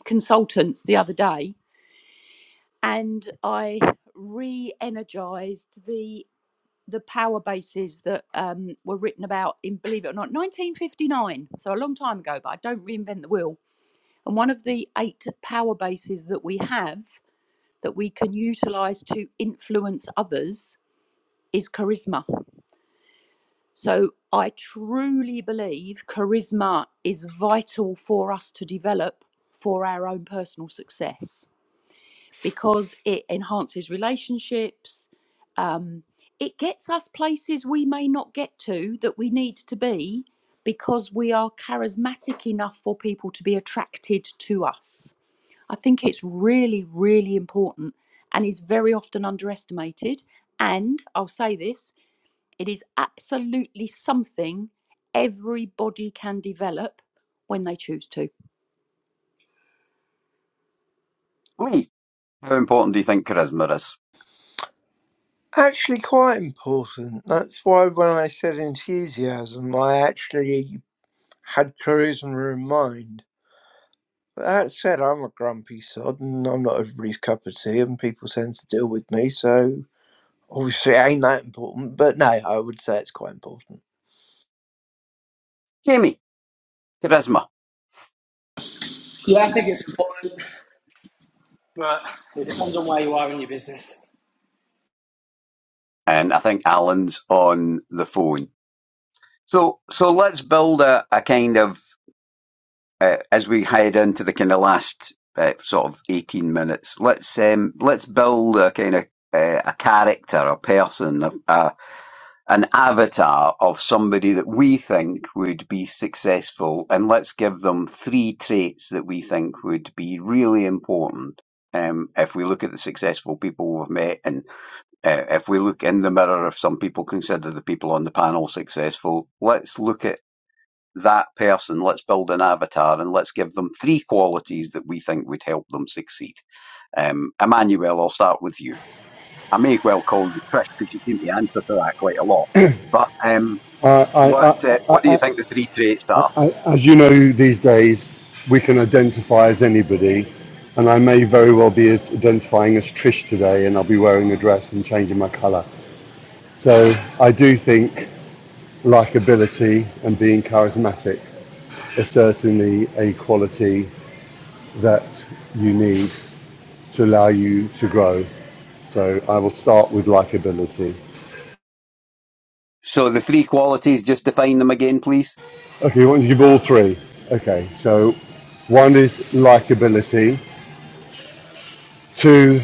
[SPEAKER 5] consultants the other day, and I re energized the. the power bases that um, were written about in, believe it or not, 1959. So a long time ago, but I don't reinvent the wheel. And one of the eight power bases that we have that we can utilize to influence others is charisma. So I truly believe charisma is vital for us to develop for our own personal success because it enhances relationships, it gets us places we may not get to that we need to be because we are charismatic enough for people to be attracted to us. I think it's really, really important and is very often underestimated. And I'll say this it is absolutely something everybody can develop when they choose to.
[SPEAKER 2] Lee, how important do you think charisma is?
[SPEAKER 6] Actually, quite important. That's why when I said enthusiasm, I actually had charisma in mind But That said, I'm a grumpy sod, and I'm not everybody's cup of tea, and people tend to deal with me, so obviously it ain't that important. But no, I would say it's quite important.
[SPEAKER 2] Jamie, charisma.
[SPEAKER 7] Yeah, I think it's important, but it depends on where you are in your business.
[SPEAKER 2] And I think Alan's on the phone. So, so let's build a, a kind of, uh, as we head into the kind of last uh, sort of 18 minutes, let's, um, let's build a kind of, uh, a character, a person, a, a an avatar of somebody that we think would be successful, and let's give them three traits that we think would be really important. Um, if we look at the successful people we've met, and uh, if we look in the mirror, if some people consider the people on the panel successful, let's look at that person, let's build an avatar, and let's give them three qualities that we think would help them succeed. Um, Emmanuel, I'll start with you. I may well call you Chris because you seem to answer to that quite a lot. But um,
[SPEAKER 4] I, I,
[SPEAKER 2] what uh,
[SPEAKER 4] I,
[SPEAKER 2] What do you think the three traits are?
[SPEAKER 4] I, as you know, these days we can identify as anybody, and I may very well be identifying as Trish today, and I'll be wearing a dress and changing my colour. So I do think likability and being charismatic is certainly a quality that you need to allow you to grow. So I will start with likability.
[SPEAKER 2] So the three qualities, just define them again, please.
[SPEAKER 4] Okay, you want to give all three? Okay, so one is likability. Two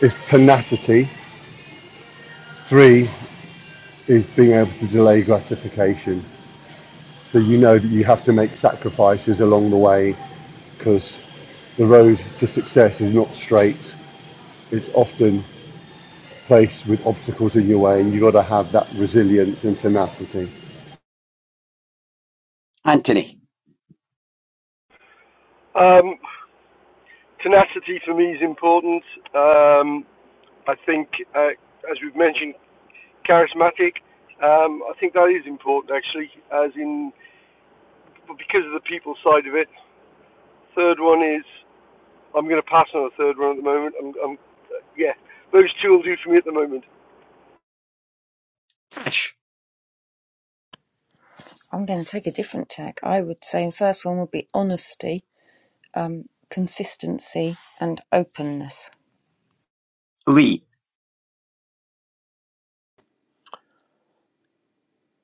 [SPEAKER 4] is tenacity. Three is being able to delay gratification. So you know that you have to make sacrifices along the way because the road to success is not straight. It's often faced with obstacles in your way, and you've got to have that resilience and tenacity.
[SPEAKER 2] Anthony,
[SPEAKER 3] Um, tenacity for me is important. Um, I think, uh, as we've mentioned, charismatic. Um, I think that is important actually, as in but because of the people side of it, third one is I'm going to pass on the third one at the moment. I'm, I'm uh, yeah, those two will do for me at the moment.
[SPEAKER 2] Trish,
[SPEAKER 1] I'm going to take a different tack. I would say the first one would be honesty, um, consistency, and openness.
[SPEAKER 2] Lee,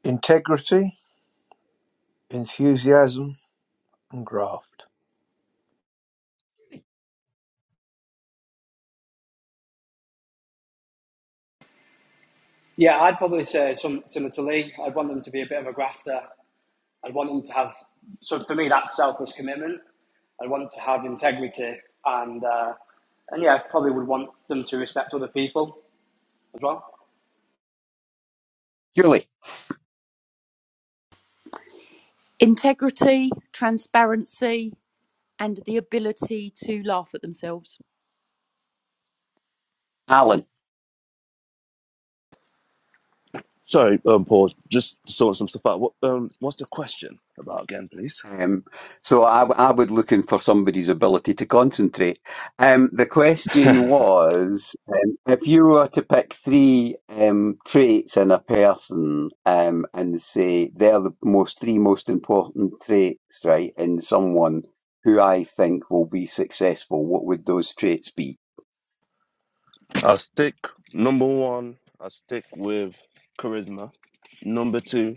[SPEAKER 6] Integrity, enthusiasm, and graft.
[SPEAKER 7] Yeah, I'd probably say some similar to Lee. I'd want them to be a bit of a grafter, i want them to have, so for me, that's selfless commitment. I'd want to have integrity and, uh, and yeah, probably would want them to respect other people as well.
[SPEAKER 2] Julie,
[SPEAKER 5] Integrity, transparency, and the ability to laugh at themselves.
[SPEAKER 2] Alan.
[SPEAKER 8] Sorry, um, Paul, just sorting some stuff out. What, um, what's the question about again, please?
[SPEAKER 2] Um, so I I would look in for somebody's ability to concentrate. Um, the question was, um, if you were to pick three um, traits in a person um, and say they're the most three most important traits, right, in someone who I think will be successful, what would those traits be?
[SPEAKER 8] I'll stick number one. I stick with charisma. Number two,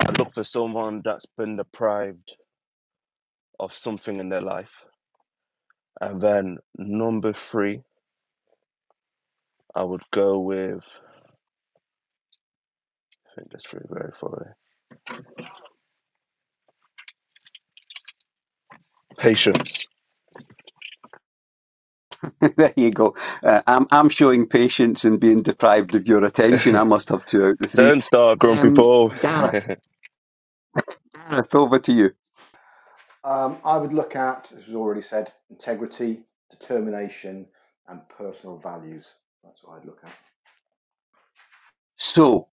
[SPEAKER 8] I look for someone that's been deprived of something in their life. And then number three, I would go with. I think that's three very far away. Patience.
[SPEAKER 2] there you go. Uh, I'm I'm showing patience and being deprived of your attention. I must have two out of the three.
[SPEAKER 8] Don't start, grumpy
[SPEAKER 2] Um,
[SPEAKER 8] Paul.
[SPEAKER 2] Gareth, Gareth, over to you.
[SPEAKER 9] Um, I would look at, as was already said, integrity, determination, and personal values. That's what I'd look at.
[SPEAKER 2] So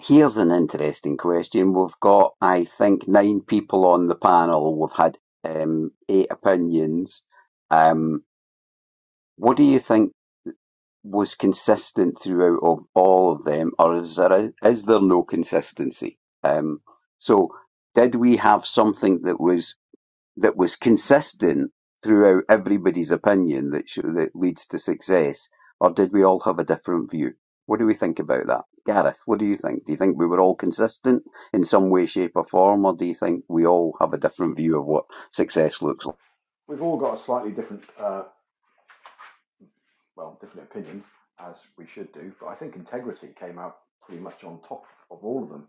[SPEAKER 2] here's an interesting question. We've got, I think, nine people on the panel. We've had um, eight opinions. Um, what do you think? was consistent throughout of all of them, or is there is there no consistency? Um, so, did we have something that was that was consistent throughout everybody's opinion that sh- that leads to success, or did we all have a different view? What do we think about that, Gareth? What do you think? Do you think we were all consistent in some way, shape, or form, or do you think we all have a different view of what success looks like?
[SPEAKER 9] We've all got a slightly different, uh, well, different opinion, as we should do, but I think integrity came out pretty much on top of all of them.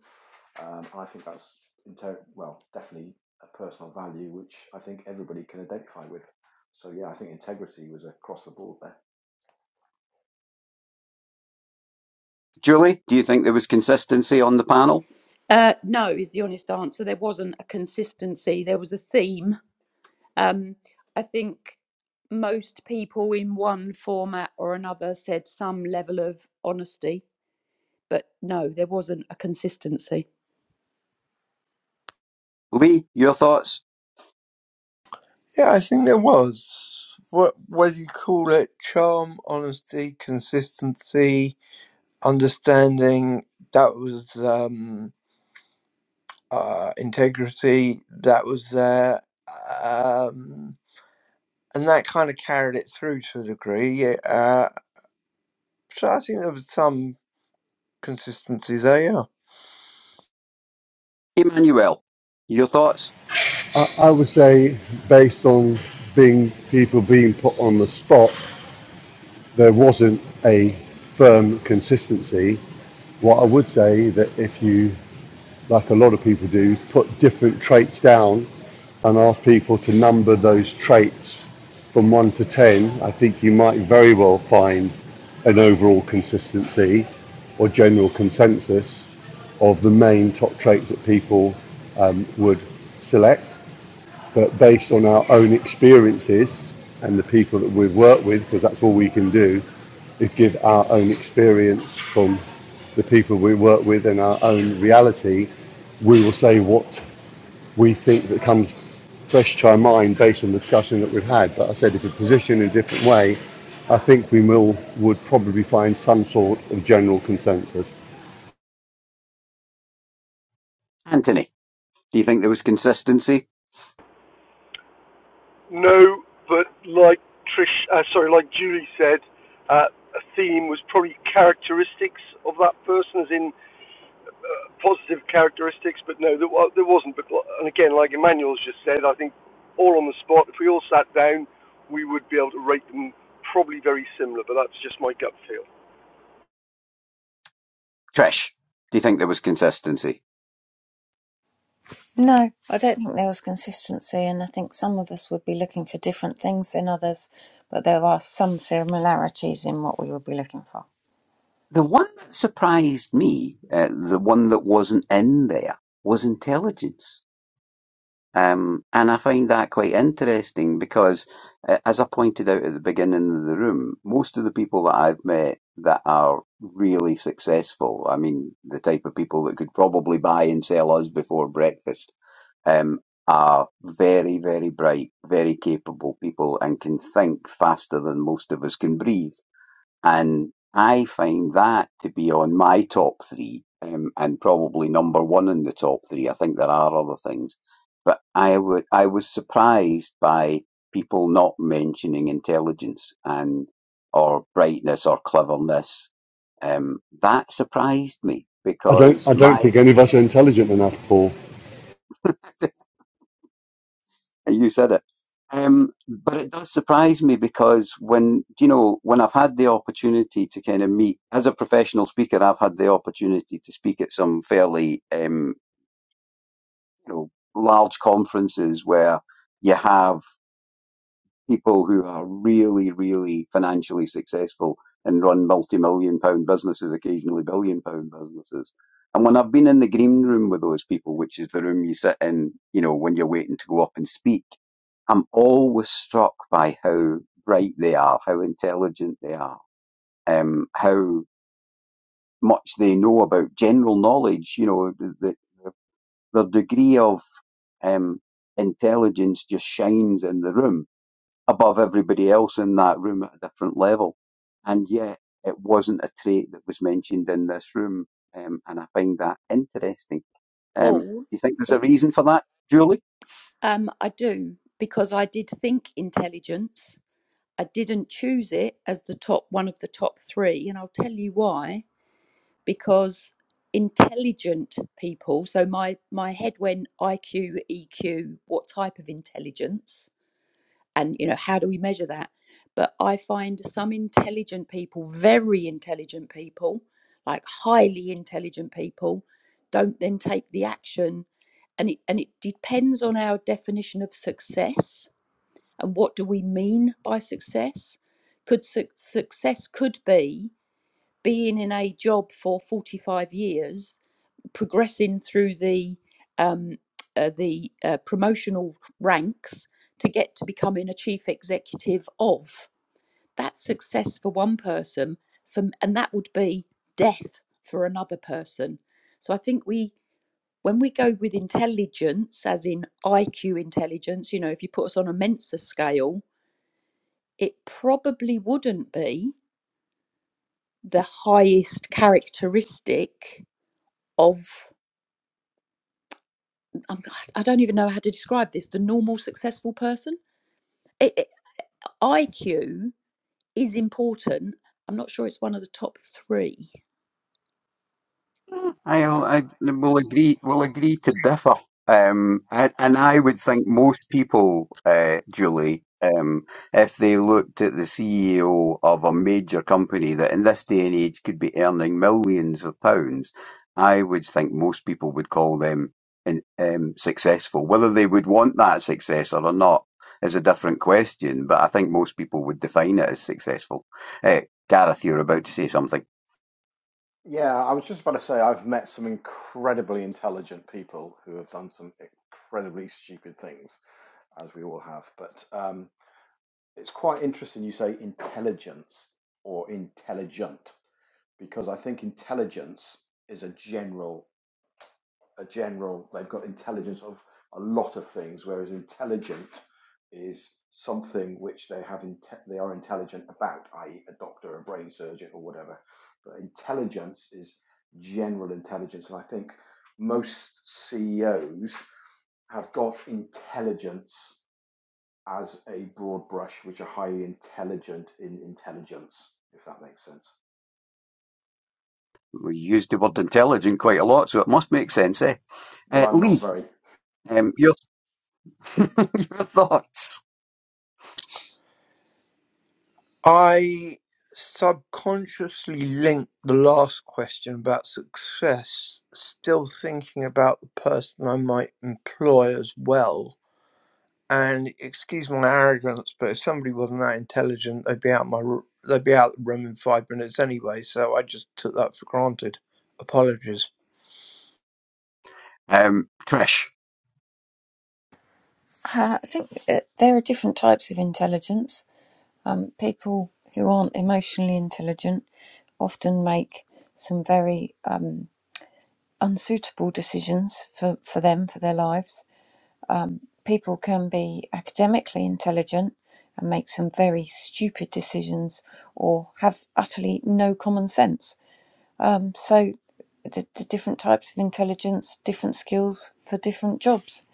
[SPEAKER 9] Um, and I think that's, inter- well, definitely a personal value, which I think everybody can identify with. So, yeah, I think integrity was across the board there.
[SPEAKER 2] Julie, do you think there was consistency on the panel?
[SPEAKER 5] Uh, no, is the honest answer. There wasn't a consistency, there was a theme. Um, I think most people in one format or another said some level of honesty, but no, there wasn't a consistency.
[SPEAKER 2] Lee, your thoughts?
[SPEAKER 6] Yeah, I think there was. What whether you call it charm, honesty, consistency, understanding, that was um, uh, integrity, that was there. Um, and that kind of carried it through to a degree. Uh, So I think there was some consistency there, yeah.
[SPEAKER 2] Emmanuel, your thoughts?
[SPEAKER 4] I would say, based on being people being put on the spot, there wasn't a firm consistency. What I would say that if you like a lot of people do, is put different traits down and ask people to number those traits from one to ten, I think you might very well find an overall consistency or general consensus of the main top traits that people um, would select but based on our own experiences and the people that we've worked with, because that's all we can do, is give our own experience from the people we work with and our own reality. We will say what we think that comes fresh to our mind based on the discussion that we've had. But I said if we position in a different way, I think we will would probably find some sort of general consensus.
[SPEAKER 2] Anthony, do you think there was consistency?
[SPEAKER 3] No, but like Trish, uh, sorry, like Julie said, uh, a theme was probably characteristics of that person, as in positive characteristics. But no, there, there wasn't. But and again, like Emmanuel's just said, I think all on the spot. If we all sat down, we would be able to rate them probably very similar. But that's just my gut feel.
[SPEAKER 2] Trish, do you think there was consistency?
[SPEAKER 1] No, I don't think there was consistency, and I think some of us would be looking for different things than others, but there are some similarities in what we would be looking for.
[SPEAKER 2] The one that surprised me, uh, the one that wasn't in there, was intelligence. Um, and I find that quite interesting because, uh, as I pointed out at the beginning of the room, most of the people that I've met that are really successful, I mean, the type of people that could probably buy and sell us before breakfast, um, are very, very bright, very capable people and can think faster than most of us can breathe. And I find that to be on my top three um, and probably number one in the top three. I think there are other things, but I would, I was surprised by people not mentioning intelligence and or brightness or cleverness. Um, that surprised me
[SPEAKER 4] I don't
[SPEAKER 2] because
[SPEAKER 4] I don't
[SPEAKER 2] my
[SPEAKER 4] think any of us are intelligent enough, Paul.
[SPEAKER 2] You said it. Um, but it does surprise me because when, you know, when I've had the opportunity to kind of meet, as a professional speaker, I've had the opportunity to speak at some fairly, um, you know, large conferences where you have people who are really, really financially successful and run multi-million pound businesses, occasionally billion pound businesses. And when I've been in the green room with those people, which is the room you sit in, you know, when you're waiting to go up and speak, I'm always struck by how bright they are, how intelligent they are, um, how much they know about general knowledge. You know, the, the, the degree of um, intelligence just shines in the room above everybody else in that room at a different level. And yet, it wasn't a trait that was mentioned in this room. Um, and I find that interesting. Um, do
[SPEAKER 5] Paul,
[SPEAKER 2] you think there's a
[SPEAKER 5] if-
[SPEAKER 2] reason for that, Julie?
[SPEAKER 5] um, I do, because I did think intelligence. I didn't choose it as the top one of the top three, and I'll tell you why. because intelligent people so my my head went iq eq what type of intelligence and you know how do we measure that but i find some intelligent people very intelligent people like highly intelligent people don't then take the action and it and it depends on our definition of success and what do we mean by success could su- success could be being in a job for 45 years, progressing through the um, uh, the uh, promotional ranks to get to becoming a chief executive of that's success for one person, for, and that would be death for another person. So I think we when we go with intelligence, as in IQ intelligence, you know, if you put us on a Mensa scale, it probably wouldn't be the highest characteristic of I'm, I i do not even know how to describe this the normal successful person. It, it, IQ is important. I'm not sure it's one of the top three.
[SPEAKER 2] I, will I will agree. Will agree to differ. Um, I, and I would think most people, uh, Julie, um, if they looked at the CEO of a major company that in this day and age could be earning millions of pounds, I would think most people would call them in, um, successful. Whether they would want that success or not is a different question. But I think most people would define it as successful. Uh, Gareth, you're about to say something.
[SPEAKER 9] Yeah, I was just about to say I've met some incredibly intelligent people who have done some incredibly stupid things, as we all have. But um, it's quite interesting you say intelligence or intelligent, because I think intelligence is a general a general, they've got intelligence of a lot of things, whereas intelligent is something which they have inte- they are intelligent about, i.e., a doctor, a brain surgeon, or whatever. But intelligence is general intelligence, and I think most CEOs have got intelligence as a broad brush, which are highly intelligent in intelligence, if that makes sense.
[SPEAKER 2] We use the word intelligent quite a lot, so it must make sense, eh?
[SPEAKER 9] But
[SPEAKER 2] Uh,
[SPEAKER 9] I'm not
[SPEAKER 2] Lee,
[SPEAKER 9] very
[SPEAKER 2] um, your, your thoughts?
[SPEAKER 6] I subconsciously linked the last question about success, still thinking about the person I might employ as well. And excuse my arrogance, but if somebody wasn't that intelligent, they'd be out my r- they'd be out the room in five minutes anyway. So I just took that for granted. Apologies.
[SPEAKER 2] Um, Trish,
[SPEAKER 1] Uh, I think uh, there are different types of intelligence. Um, people who aren't emotionally intelligent often make some very um, unsuitable decisions for, for them, for their lives. People can be academically intelligent and make some very stupid decisions or have utterly no common sense. Um, so, the, the different types of intelligence, different skills for different jobs.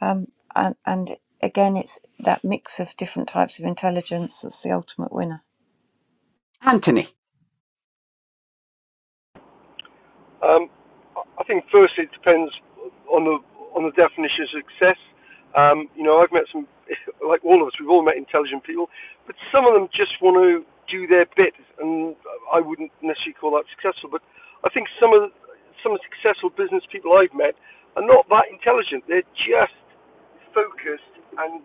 [SPEAKER 1] Um, and, and again, it's that mix of different types of intelligence that's the ultimate winner.
[SPEAKER 2] Anthony.
[SPEAKER 3] on the on the definition of success. Um, you know, I've met some, like all of us, we've all met intelligent people, but some of them just want to do their bit, and I wouldn't necessarily call that successful. But I think some of some successful business people I've met are not that intelligent. They're just focused and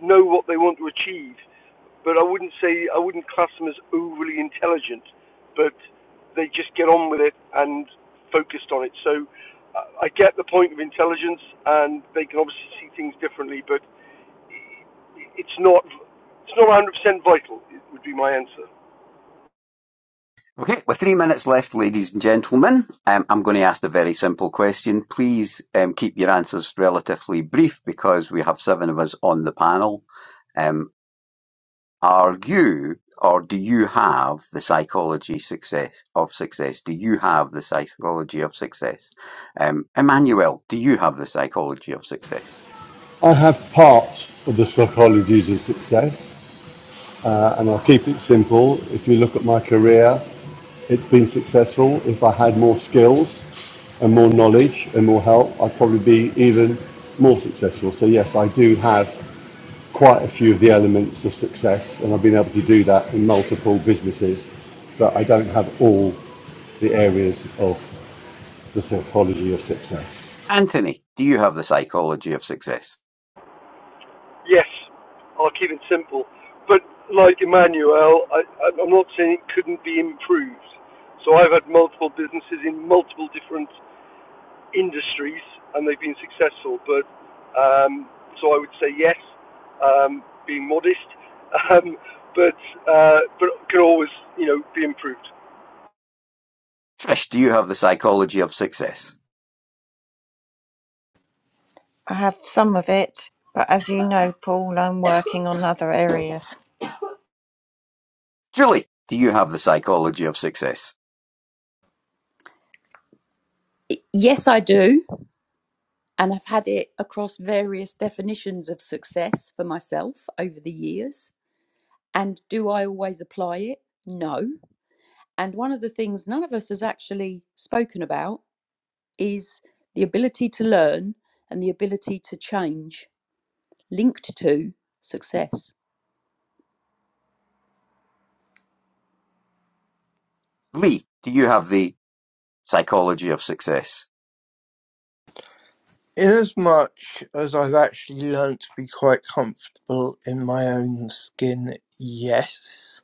[SPEAKER 3] know what they want to achieve but I wouldn't say I wouldn't class them as overly intelligent, but they just get on with it and focused on it. So I I get the point of intelligence, and they can obviously see things differently, but it's not it's not 100% vital. It would be my answer.
[SPEAKER 2] Okay, with three minutes left, ladies and gentlemen, um, I'm going to ask a very simple question. Please um, keep your answers relatively brief because we have seven of us on the panel. Um, are you or do you have the psychology success of success? Do you have the psychology of success? Um, Emmanuel, do you have the psychology of success?
[SPEAKER 4] I have parts of the psychologies of success. Uh, and I'll keep it simple. If you look at my career, it's been successful. If I had more skills and more knowledge and more help, I'd probably be even more successful. So, yes, I do have quite a few of the elements of success, and I've been able to do that in multiple businesses, but I don't have all the areas of the psychology of success.
[SPEAKER 2] Anthony, do you have the psychology of success?
[SPEAKER 3] Yes, I'll keep it simple, but like Emmanuel, I, I- I'm not saying it couldn't be improved. So I've had multiple businesses in multiple different industries and they've been successful. But um, so I would say yes, um, being modest, um, but uh, but can always you know be improved.
[SPEAKER 2] Trish, do you have the psychology of success?
[SPEAKER 1] I have some of it, but as you know, Paul, I'm working on other areas.
[SPEAKER 2] Julie, do you have the psychology of success?
[SPEAKER 5] I- Yes, I do. And I've had it across various definitions of success for myself over the years. And do I always apply it? No. And one of the things none of us has actually spoken about is the ability to learn and the ability to change linked to success.
[SPEAKER 2] Lee, do you have the psychology of success?
[SPEAKER 6] Inasmuch as I've actually learned to be quite comfortable in my own skin, yes.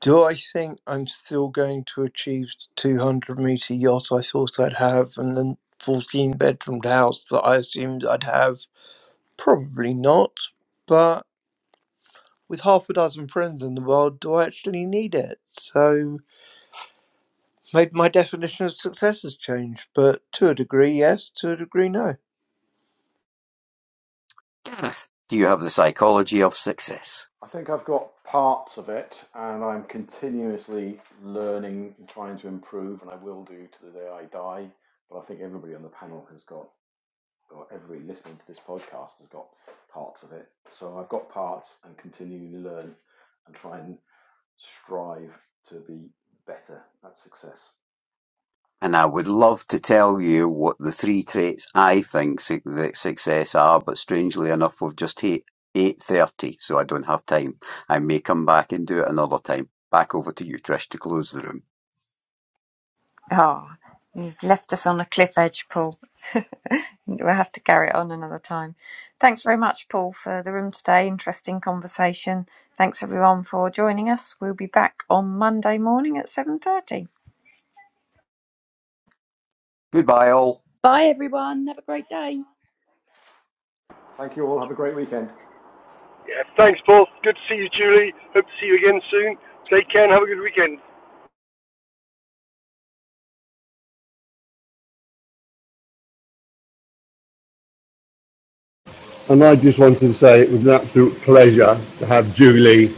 [SPEAKER 6] Do I think I'm still going to achieve the 200 meter yacht I thought I'd have and the 14 bedroomed house that I assumed I'd have? Probably not, but with half a dozen friends in the world, do I actually need it? So maybe my definition of success has changed, but to a degree, yes, to a degree, no.
[SPEAKER 2] Gareth, do you have the psychology of success?
[SPEAKER 9] I think I've got parts of it, and I'm continuously learning and trying to improve, and I will do to the day I die. But I think everybody on the panel has got, or everybody listening to this podcast has got parts of it. So I've got parts and continually learn and try and strive to be better at success.
[SPEAKER 2] And I would love to tell you what the three traits I think su- that success are, but strangely enough, we've just hit 8.30, so I don't have time. I may come back and do it another time. Back over to you, Trish, to close the room.
[SPEAKER 1] Oh, you've left us on a cliff edge, Paul. we'll have to carry it on another time. Thanks very much, Paul, for the room today. Interesting conversation. Thanks everyone for joining us. We'll be back on Monday morning at 7:30.
[SPEAKER 2] goodbye all.
[SPEAKER 5] Bye, everyone. Have a great day.
[SPEAKER 9] Thank you all. Have a great weekend.
[SPEAKER 3] Soon,
[SPEAKER 4] And I just wanted to say it was an absolute pleasure to have Julie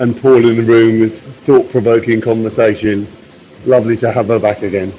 [SPEAKER 4] and Paul in the room with thought provoking conversation. Lovely to have her back again.